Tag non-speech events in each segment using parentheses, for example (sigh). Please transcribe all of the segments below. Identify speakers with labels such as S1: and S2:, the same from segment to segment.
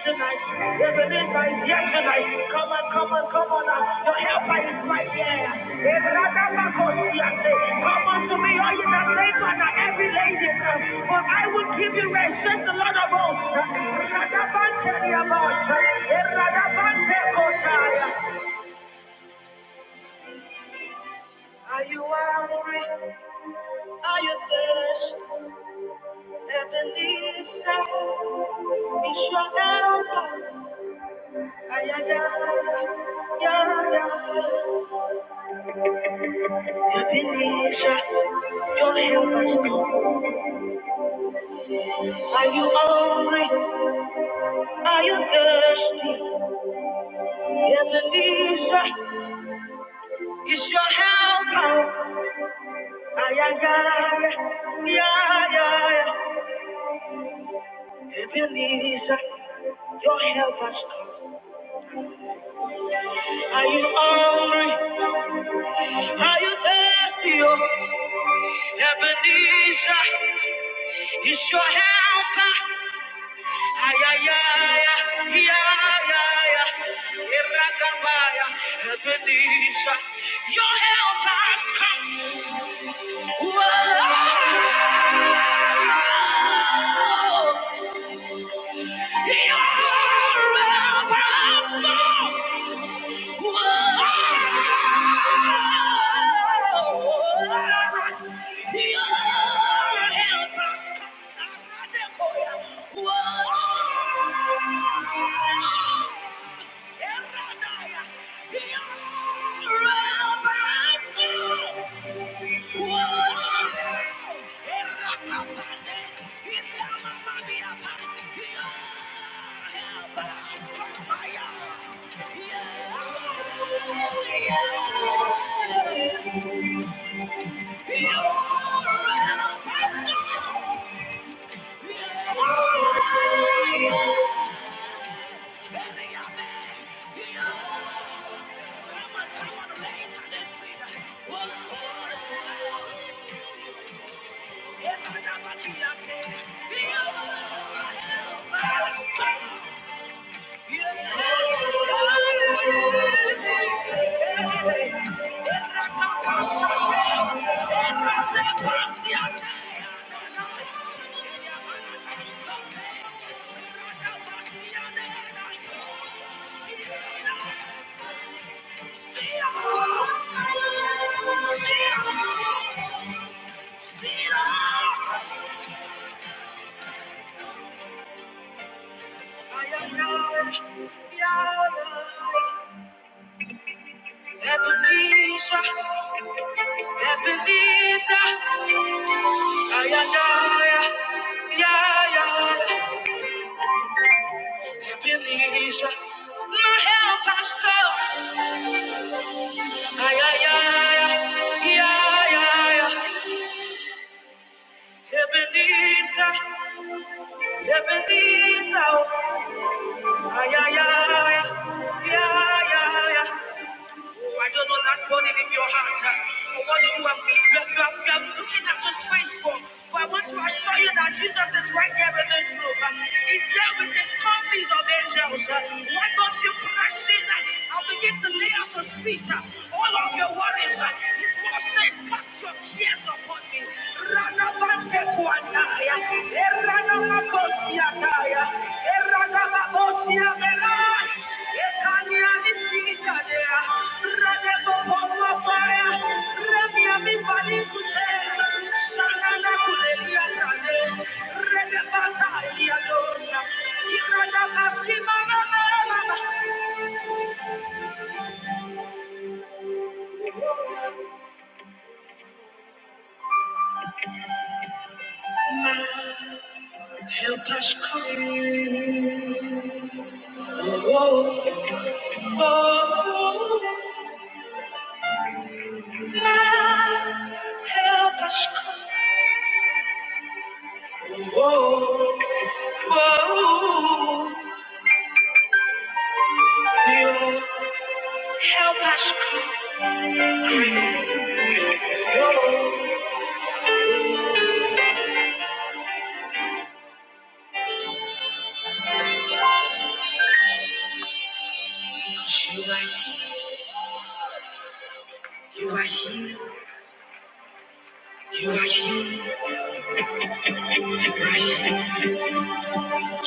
S1: Ebenezer is here tonight. Ebenezer is here tonight. Come on, come on, come on. Now. Your helper is right here. Eradabakosiate. Come unto me, all you that labor and are heavy laden. For I will give you rest, says the Lord of hosts. Radabanteliabasha. Eradabante Are you hungry? Are you thirsty? Ebenezer, it's your helper. Ay, ay, ay, ay, ay. Ebenezer, your helper's come. Are you hungry? Are you thirsty? Ebenezer, it's your helper. Ay, ay, ay, ay, ay. ay. Ebenezer, your help has come. Are you hungry? Are you thirsty? Oh, Ebenezer it's your helper. Ay, ay, ay, ay, ay, ay, ay. Irakabaya, Ebenezer, your help has come. Whoa, your help has come. Whoa! Come on, come on, late this week. Fear us! Fear us! feel us. Ebenezer, Ebenezer, ay, ay, ay, ay, ay, ay, Ebenezer, my help has come. Ay, ay, Ebenezer, Ebenezer, ay, ay, Oh, I don't know that burden in your heart. uh, Or what you have, you are, you are, you are looking at the space for. But I want to assure you that Jesus is right here in this room. uh, He's here with his companies of angels. uh, Why don't you press in uh, and begin to lay out your speech? uh, All of your worries. uh, His word says, cast your cares upon me. Radabante Ataya, Eranamakosiataya, Eranamabosia-bela, Ekanianisikadea, Radebopoluafaya, Remiamifadikute, Shananakuleliatane, Redebataliadosa, Iradamasimanabelaba. You help us create. You are here, you are here, you are here, you are here.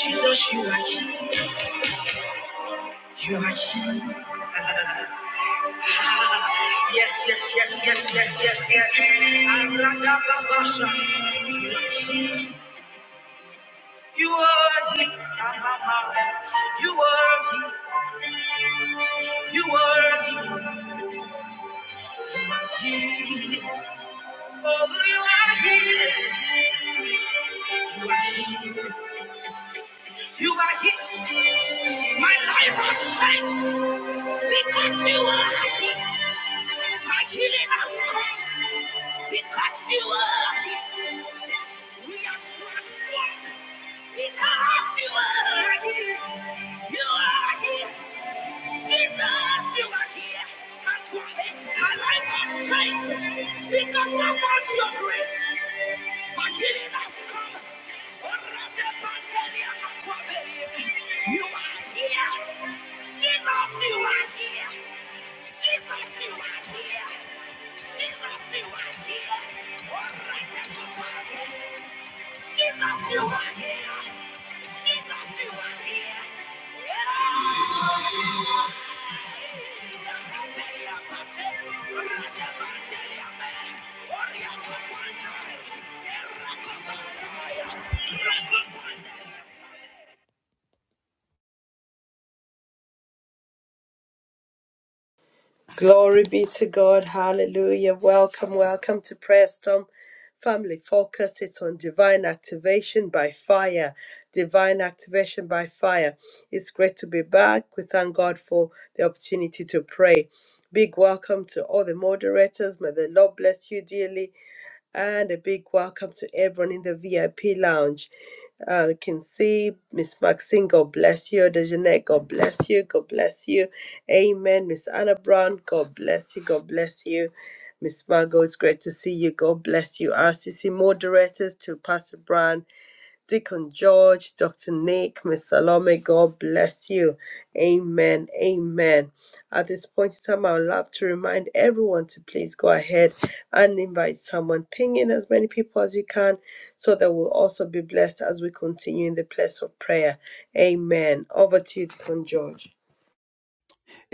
S1: Jesus, you are here. You are here. (laughs) Ah, Yes, yes, yes, yes, yes, yes, yes. Agradababasha. You are here. You are here. Ah, ah, ah, ah. You are here. You are here. You are here. Oh, you are here. You are here. You are here. My life has changed because you are here. My healing has come because you are here. We are transformed because you are here. You are here. Jesus, you are here. Come to me. My life has changed because. Yeah.
S2: Glory be to God. Hallelujah. Welcome, welcome to Prayer Storm Family Focus. It's on divine activation by fire. Divine activation by fire. It's great to be back. We thank God for the opportunity to pray. Big welcome to all the moderators. May the Lord bless you dearly and a big welcome to everyone in the VIP lounge. Uh, you can see Miss Maxine, God bless you. Dejanette, God bless you. God bless you. Amen. Miss Anna Brown, God bless you. God bless you. Miss Margot, it's great to see you. God bless you. RCC moderators to Pastor Brown. Deacon George, Dr. Nick, Miss Salome, God bless you. Amen. Amen. At this point in time, I would love to remind everyone to please go ahead and invite someone. Ping in as many people as you can so that we'll also be blessed as we continue in the place of prayer. Amen. Over to you, Deacon George.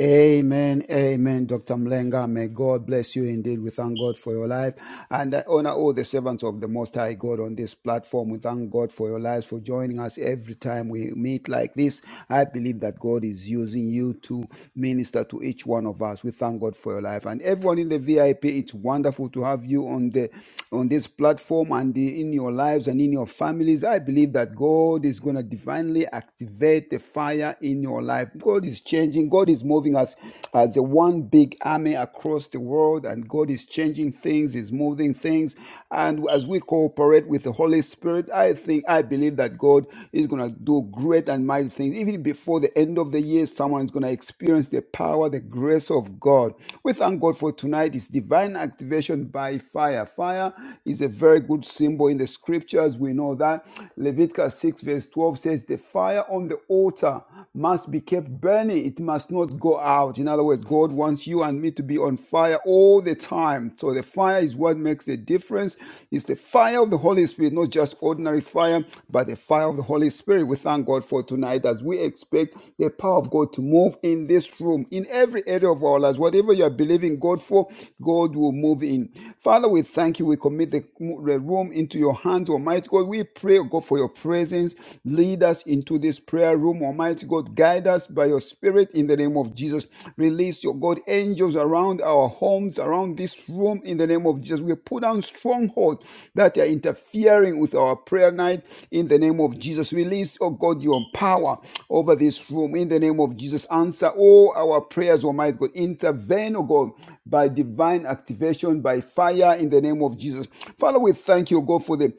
S3: Amen. Amen. Dr. Mlenga, may God bless you indeed. We thank God for your life. And I honor all the servants of the Most High God on this platform. We thank God for your lives, for joining us every time we meet like this. I believe that God is using you to minister to each one of us. We thank God for your life. And everyone in the VIP, it's wonderful to have you on the on this platform and in your lives and in your families. I believe that God is going to divinely activate the fire in your life. God is changing. God is moving us as a one big army army across the world, and God is changing things, is moving things. And as we cooperate with the Holy Spirit, I think, I believe that God is going to do great and mighty things. Even before the end of the year, someone is going to experience the power, the grace of God. We thank God for tonight. It's divine activation by fire. Fire is a very good symbol in the scriptures. We know that. Leviticus 6, verse 12 says, The fire on the altar must be kept burning journey, it must not go out. In other words, God wants you and me to be on fire all the time. So the fire is what makes the difference. It's the fire of the Holy Spirit, not just ordinary fire, but the fire of the Holy Spirit. We thank God for tonight as we expect the power of God to move in this room, in every area of our lives. Whatever you are believing God for, God will move in. Father, we thank you. We commit the room into your hands, Almighty God. We pray, oh God, for your presence. Lead lead us into this prayer room. Almighty God, guide us by your spirit in the name of Jesus. Release your God angels around our homes, around this room in the name of Jesus. We put down strongholds that are interfering with our prayer night in the name of Jesus. Release, oh God, your power over this room in the name of Jesus. Answer all our prayers, Almighty God. Intervene, oh God, by divine activation, by fire in the name of Jesus. Father, we thank you, oh God, for the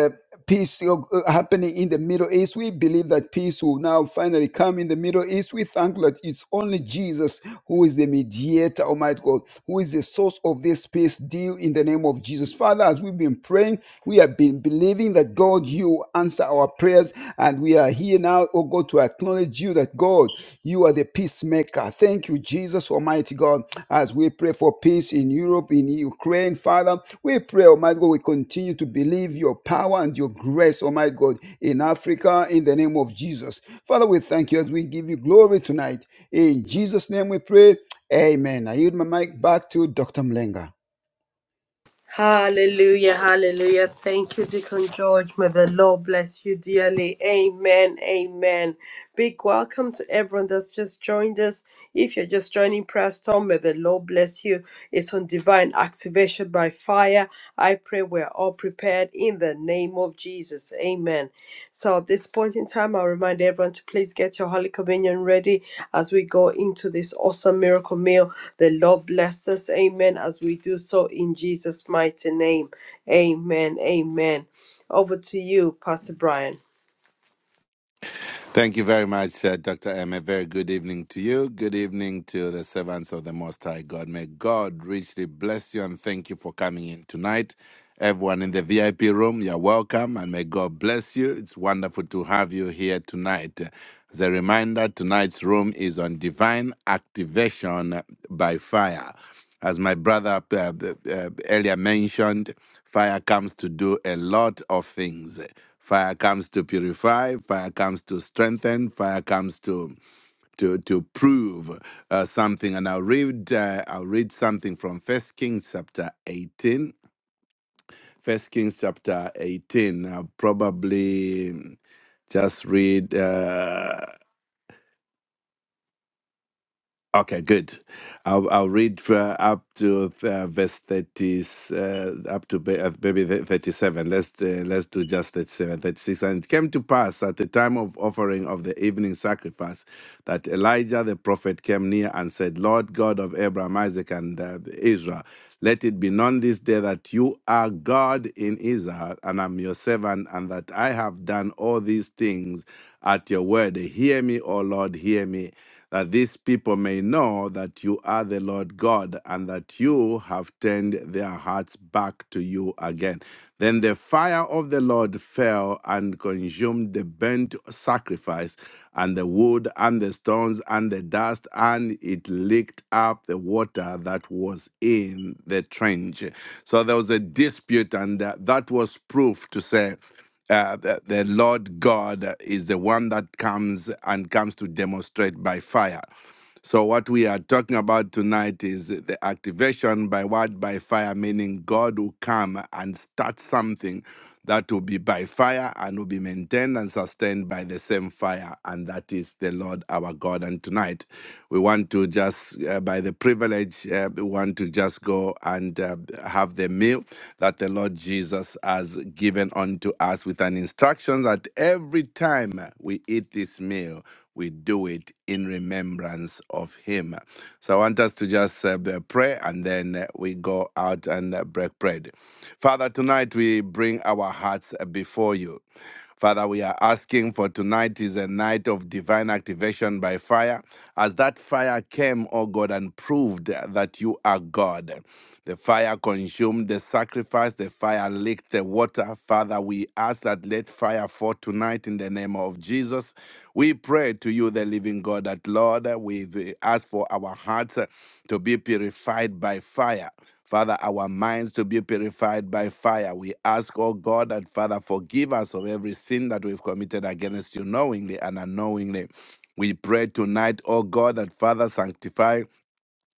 S3: uh, peace uh, uh, happening in the Middle East. We believe that peace will now finally come in the Middle East. We thank that it's only Jesus who is the mediator, Almighty God, who is the source of this peace deal in the name of Jesus. Father, as we've been praying, we have been believing that God, you answer our prayers, and we are here here now, oh God, to acknowledge you that God, you are the peacemaker. Thank you, Jesus, Almighty God, as we pray for peace in Europe, in Ukraine, Father. We pray, Almighty God, we continue to believe your power and your grace, Almighty God, in Africa, in the name of Jesus. Father, we thank you as we give you glory tonight. In Jesus' name we pray. Amen. I yield my mic back to Dr. Mlenga.
S2: Hallelujah, hallelujah. Thank you, Deacon George. May the Lord bless you dearly. Amen, amen. Big welcome to everyone that's just joined us. If you're just joining Prayer Storm, may the Lord bless you. It's on divine activation by fire. I pray we're all prepared in the name of Jesus. Amen. So at this point in time, I'll remind everyone to please get your Holy Communion ready as we go into this awesome miracle meal. The Lord bless us. Amen. As we do so in Jesus' mighty name. Amen. Amen. Over to you, Pastor Brian.
S4: Thank you very much, uh, Dr. M. A very good evening to you. Good evening to the servants of the Most High God. May God richly bless you and thank you for coming in tonight. Everyone in the VIP room, you're welcome and may God bless you. It's wonderful to have you here tonight. As a reminder, tonight's room is on divine activation by fire. As my brother uh, uh, uh, earlier mentioned, fire comes to do a lot of things. Fire comes to purify, fire comes to strengthen, fire comes to to to prove uh, something. And I'll read uh, I'll read something from First Kings chapter eighteen. First Kings chapter eighteen. I'll probably just read. Uh, Okay, good. I'll, I'll read uh, up to uh, verse thirty, uh, up to ba- uh, maybe the- thirty-seven. Let's uh, let's do just 37, 36. And it came to pass at the time of offering of the evening sacrifice that Elijah the prophet came near and said, "Lord God of Abraham, Isaac, and uh, Israel, let it be known this day that you are God in Israel, and I'm your servant, and that I have done all these things at your word. Hear me, O Lord, hear me." that these people may know that you are the Lord God and that you have turned their hearts back to you again. Then the fire of the Lord fell and consumed the burnt sacrifice and the wood and the stones and the dust, and it licked up the water that was in the trench. So there was a dispute, and uh, that was proof to say uh, the, the Lord God is the one that comes and comes to demonstrate by fire. So what we are talking about tonight is the activation by what by fire, meaning God will come and start something that will be by fire and will be maintained and sustained by the same fire, and that is the Lord our God. And tonight we want to just uh, by the privilege encourage uh, one to just go and uh, have the meal that the Lord Jesus has given unto us with an instruction that every time we eat this meal, we do it in remembrance of Him. So I want us to just uh, b- pray and then uh, we go out and uh, break bread. Father, tonight we bring our hearts uh, before you. Father, we are asking for tonight is a night of divine activation by fire, as that fire came, O God, and proved that you are God. The fire consumed the sacrifice, the fire licked the water. Father, we ask that let fire fall tonight in the name of Jesus. We pray to you, the living God, that Lord, we we ask for our hearts uh, to be purified by fire. Father, our minds to be purified by fire. We ask, oh God, that Father, forgive us of every sin that we've committed against you knowingly and unknowingly. We pray tonight, oh God, that Father, sanctify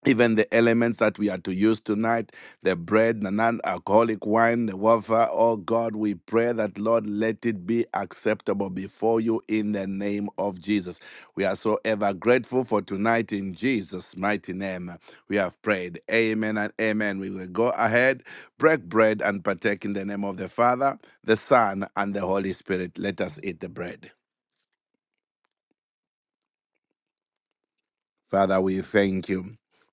S4: even the elements that we are to use tonight the bread the non-alcoholic wine the wafer oh god we pray that lord let it be acceptable before you in the name of jesus we are so ever grateful for tonight in jesus mighty name we have prayed amen and amen we will go ahead break bread and partake in the name of the father the son and the holy spirit let us eat the bread Father, we thank you.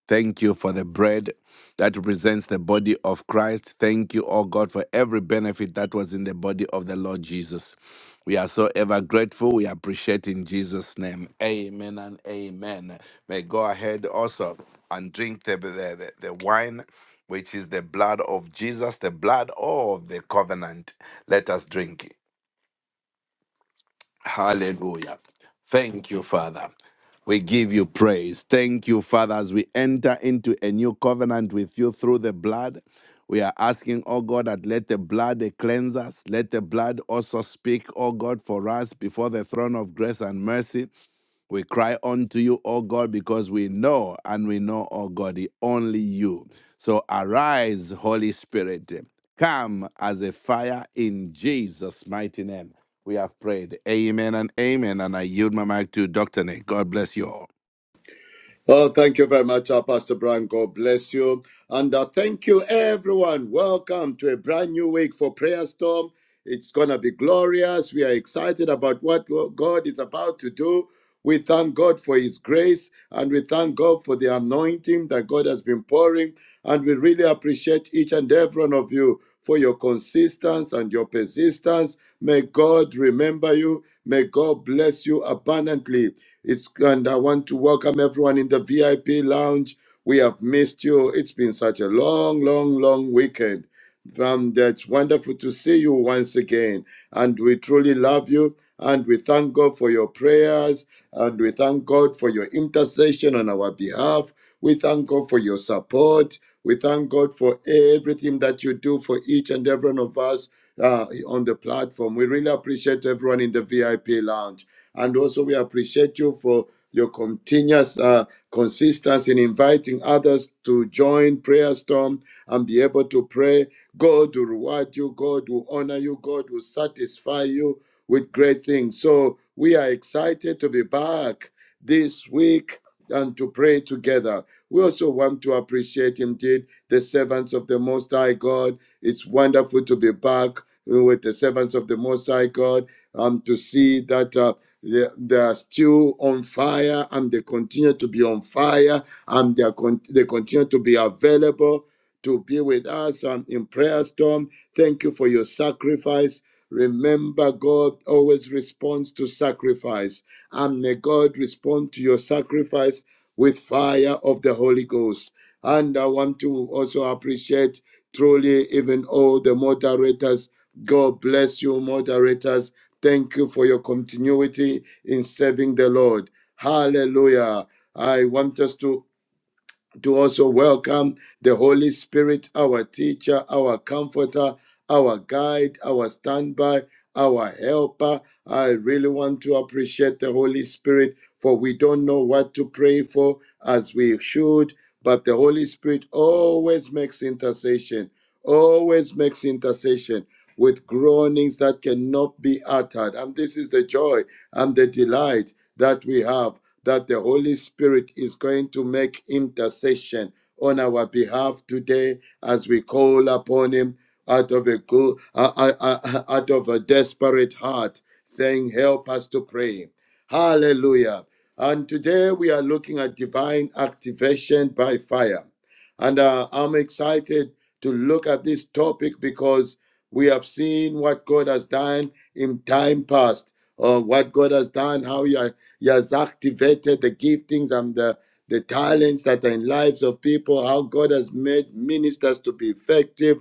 S4: Thank you for the bread that represents the body of Christ. Thank you, oh God, for every benefit that was in the body of the Lord Jesus. We are so ever grateful. We appreciate in Jesus' name. Amen and amen. May go ahead also and drink the, the, the, the wine, which is the blood of Jesus, the blood of the covenant. Let us drink. Hallelujah. Thank you, Father. We give you praise. Thank you, Father, as we enter into a new covenant with you through the blood. We are asking, oh God, that let the blood cleanse us. Let the blood also speak, oh God, for us before the throne of grace and mercy. We cry unto you, O God, because we know and we know, O God, the only you. So arise, Holy Spirit. Come as a fire in Jesus' mighty name. We have prayed. Amen and amen. And I yield my mic to Dr. Nick. God bless you all.
S5: Oh, thank you very much, uh, Pastor Brian. God bless you. And uh, thank you, everyone. Welcome to a brand new week for Prayer Storm. It's going to be glorious. We are excited about what God is about to do. We thank God for His grace and we thank God for the anointing that God has been pouring. And we really appreciate each and every one of you for your consistency and your persistence. May God remember you. May God bless you abundantly. It's and I want to welcome everyone in the VIP lounge. We have missed you. It's been such a long, long, long weekend. From that's wonderful to see you once again. And we truly love you. And we thank God for your prayers. And we thank God for your intercession on our behalf. We thank God for your support. We thank God for everything that you do for each and every one of us uh, on the platform. We really appreciate everyone in the VIP lounge. And also, we appreciate you for your continuous uh, consistency in inviting others to join Prayer Storm and be able to pray. God will reward you, God will honor you, God will satisfy you with great things. So we are excited to be back this week and to pray together. We also want to appreciate indeed the servants of the Most High God. It's wonderful to be back with the servants of the Most High God and to see that uh, they, they are still on fire and they continue to be on fire and they, are con- they continue to be available to be with us um, in prayer storm. Thank you for your sacrifice. Remember, God always responds to sacrifice, and may God respond to your sacrifice with fire of the Holy Ghost. And I want to also appreciate truly even all the moderators. God bless you, moderators. Thank you for your continuity in serving the Lord. Hallelujah. I want us to to also welcome the Holy Spirit, our teacher, our comforter, our guide, our standby, our helper. I really want to appreciate the Holy Spirit for we don't know what to pray for as we should, but the Holy Spirit always makes intercession, always makes intercession with groanings that cannot be uttered. And this is the joy and the delight that we have that the Holy Spirit is going to make intercession on our behalf today as we call upon Him out of a go- uh, uh, uh, uh, out of a desperate heart, saying, "Help us to pray." Hallelujah. And today we are looking at divine activation by fire. And uh, I'm excited to look at this topic because we have seen what God has done in time past, or what God has done, how he, ha- he has activated the giftings and the, the talents that are in lives of people, how God has made ministers to be effective.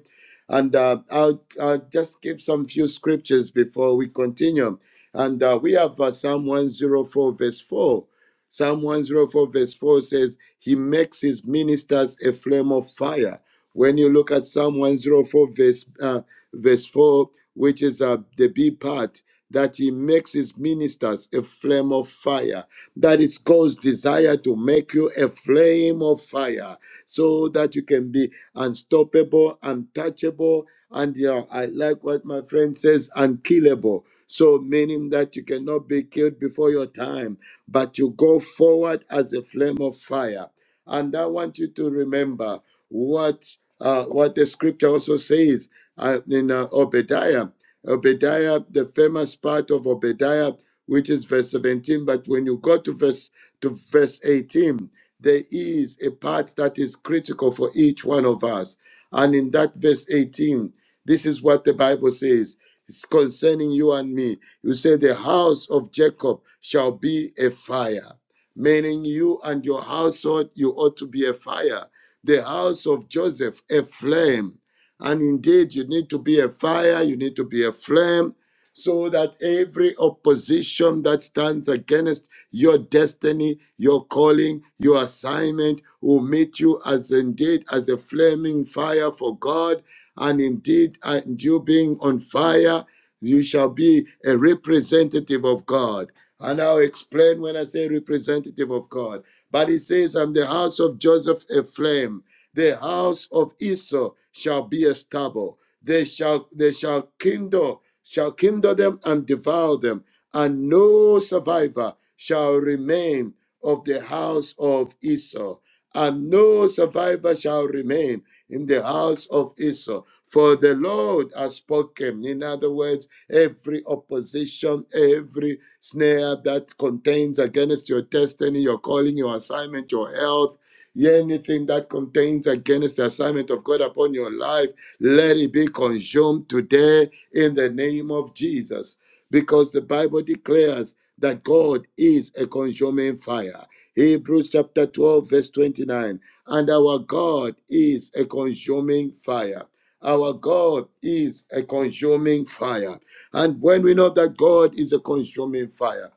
S5: And uh, I'll, I'll just give some few scriptures before we continue. And uh, we have uh, Psalm 104, verse 4. Psalm 104, verse 4 says, He makes his ministers a flame of fire. When you look at Psalm 104, verse, uh, verse 4, which is uh, the B part, that he makes his ministers a flame of fire. That is God's desire to make you a flame of fire so that you can be unstoppable, untouchable, and yeah, I like what my friend says, unkillable. So, meaning that you cannot be killed before your time, but you go forward as a flame of fire. And I want you to remember what uh, what the scripture also says uh, in uh, Obadiah. Obadiah, the famous part of Obadiah, which is verse 17. But when you go to verse to verse 18, there is a part that is critical for each one of us. And in that verse 18, this is what the Bible says. It's concerning you and me. You say the house of Jacob shall be a fire, meaning you and your household, you ought to be a fire. The house of Joseph, a flame. And indeed, you need to be a fire, you need to be a flame, so that every opposition that stands against your destiny, your calling, your assignment will meet you as indeed as a flaming fire for God and indeed, and you being on fire, you shall be a representative of God. And I'll explain when I say representative of God. But it says, I'm the house of Joseph a flame, the house of Esau shall be a stubble. They shall they shall kindle, shall kindle them and devour them, and no survivor shall remain of the house of Esau, and no survivor shall remain in the house of Esau. For the Lord has spoken. In other words, every opposition, every snare that contains against your destiny, your calling, your assignment, your health, anything that contains against the assignment of God upon your life, let it be consumed today in the name of Jesus because the Bible declares that God is a consuming fire. Hebrews chapter 12, verse 29. And our God is a consuming fire. Our God is a consuming fire. And when we know that God is a consuming fire,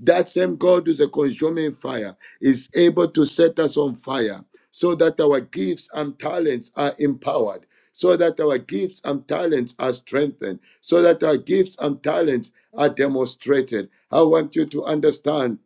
S5: that same God who's a consuming fire is able to set us on fire so that our gifts and talents are empowered so that our gifts and talents are strengthened, so that our gifts and talents are demonstrated. I want you to understand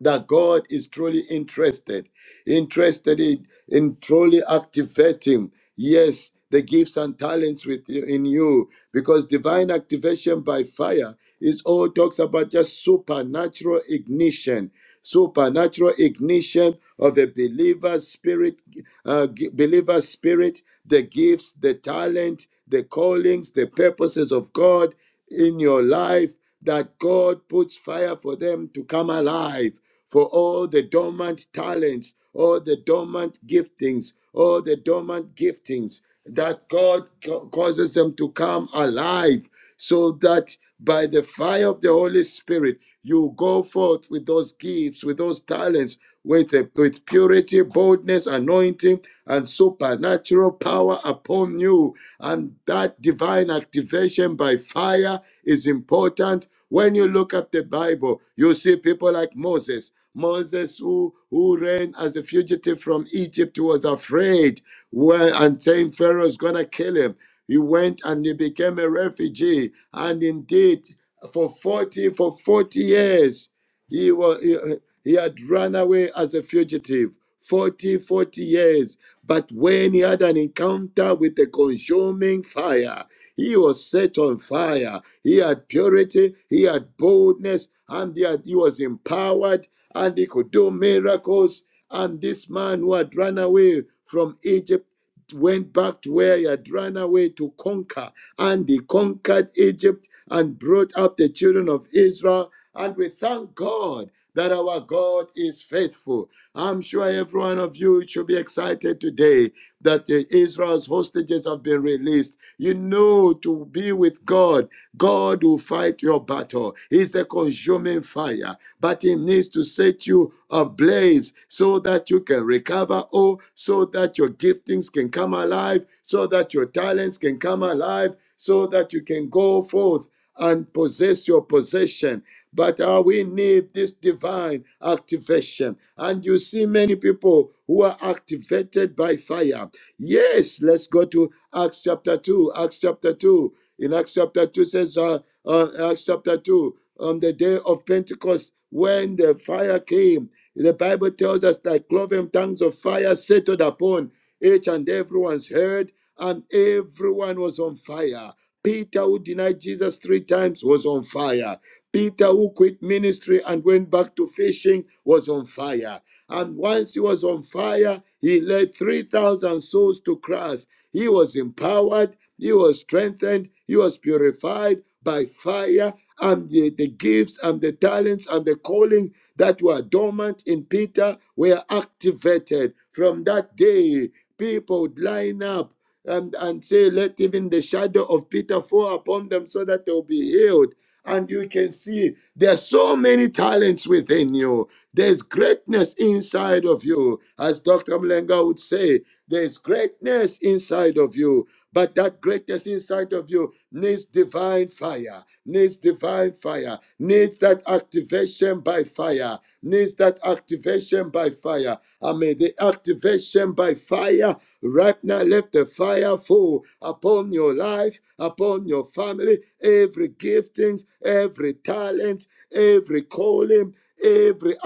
S5: that God is truly interested interested in, in truly activating, yes, the gifts and talents within you, in you, because divine activation by fire is all talks about just supernatural ignition, supernatural ignition of a believer spirit, uh, gi- believer spirit, the gifts, the talent, the callings, the purposes of God in your life that God puts fire for them to come alive for all the dormant talents, all the dormant giftings, all the dormant giftings that God ca- causes them to come alive so that by the fire of the Holy Spirit, you go forth with those gifts, with those talents, with, a, with purity purity, boldness, anointing, and supernatural power upon you. And that divine activation by fire is important. When you look at the Bible, you see people like Moses. Moses, who, who ran as a fugitive from Egypt, was afraid well, and saying Pharaoh's going to kill him. He went and he became a refugee. And indeed, for 40, for 40 years, he was, he had run away as a fugitive 40 40 years. But when he had an encounter with the consuming fire, he was set on fire. He had purity, he had boldness, and he, had- he was empowered, and he could do miracles. And this man who had run away from Egypt went back to where he had run away to conquer. And he conquered Egypt and brought up the children of Israel. And we thank God that our God is faithful. I'm sure every one of you should be excited today that the Israel's hostages have been released. You know, to be with God, God will fight your battle. He's a consuming fire, but He needs to set you ablaze so that you can recover Oh, so that your giftings can come alive, so that your talents can come alive, so that you can go forth and possess your possession but uh, we need this divine activation. And you see many people who are activated by fire. Yes, let's go to Acts chapter 2. Acts chapter 2. In Acts chapter 2 says, uh, uh, Acts chapter 2, on the day of Pentecost, when the fire came, the Bible tells us that cloven tongues of fire settled upon each and everyone's head, and everyone was on fire. Peter, who denied Jesus three times, was on fire. Peter, who quit ministry and went back to fishing, was on fire. And once he was on fire, he led 3,000 souls to Christ. He was empowered, he was strengthened, he was purified by fire and the, the gifts and the talents and the calling that were dormant in Peter were activated. From that day, people would line up and, and say, Let even the shadow of Peter fall upon them so that they'll be healed. And you can see there are so many talents within you. There's greatness inside of you. As Dr. Mlenga would say, there's greatness inside of you. But that greatness inside of you needs divine fire, needs divine fire, needs that activation by fire, needs that activation by fire. I mean, the activation by fire. Right now, let the fire fall upon your life, upon your family, every giftings, every talent, every calling. Every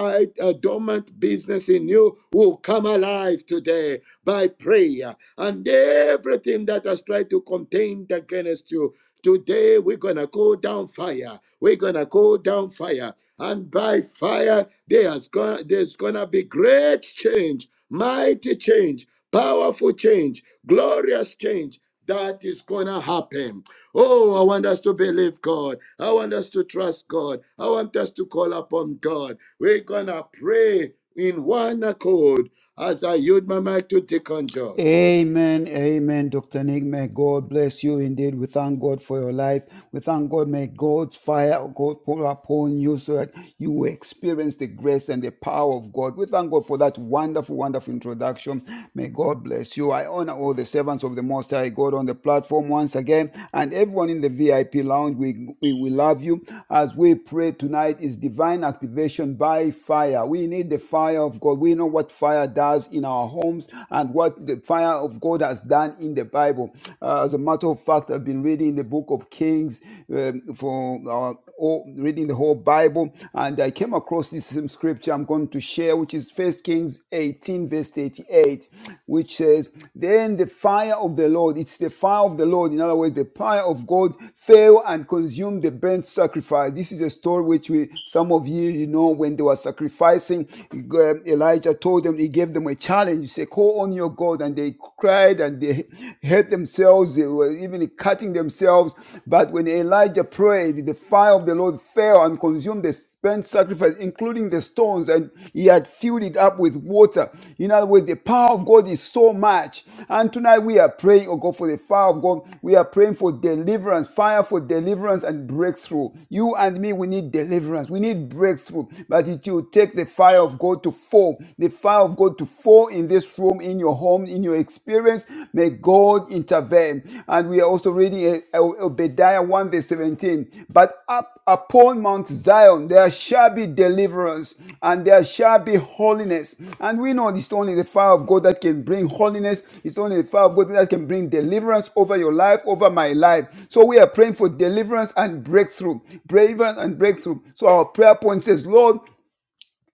S5: uh, dormant business in you will come alive today by prayer. And everything that has tried to contend against you, today we're going to go down fire. We're going to go down fire. And by fire, there's gonna, there's gonna be great change, mighty change, powerful change, glorious change that is gonna happen. Oh, I want us to believe God. I want us to trust God. I want us to call upon God. We're going to pray in one accord as I yield my mic to Deacon George.
S3: Amen, amen, Dr. Nick. May God bless you indeed. We thank God for your life. We thank God. May God's fire God pour upon you so that you will experience the grace and the power of God. We thank God for that wonderful, wonderful introduction. May God bless you. I honor all the servants of the Most High God on the platform once again and everyone in the VIP lounge. We, we, we love you as we pray tonight is divine activation by fire. We need the fire of God. We know what fire does in our our homes and what the fire of God has done in the Bible. Uh, as a matter of fact, I've been reading the book of Kings um, for uh, all, reading the whole Bible, and I came across this same scripture I'm going to share, which is First Kings 18, verse 38, which says, "Then the fire of the Lord, it's the fire of the Lord. In other words, the fire of God fell and consumed the burnt sacrifice. This is a story which we, some of you, you know, when they were sacrificing, uh, Elijah told." told them, he gave them a challenge. He said, call on your God. And they cried and they hurt themselves. They were even cutting themselves. But when Elijah prayed, the fire of the Lord fell and consumed the spent sacrifice, including the stones, and he had filled it up with water. In other words, the power of God is so much. And tonight we are praying, oh God, for the fire of God. We are praying for deliverance, fire for deliverance and breakthrough. You and me, we need deliverance. We need breakthrough. But it will take the fire of God to fall, the fire of God to fall in this room, in your home, in your experience. May God intervene. And we are also reading uh, Obadiah 1 verse 17. But up upon Mount Zion there shall be deliverance and there shall be holiness. And we know it's only the fire of God that can bring holiness. It's only the fire of God that can bring deliverance over your life, over my life. So we are praying for deliverance and breakthrough. Deliverance and breakthrough. So our prayer point says, Lord,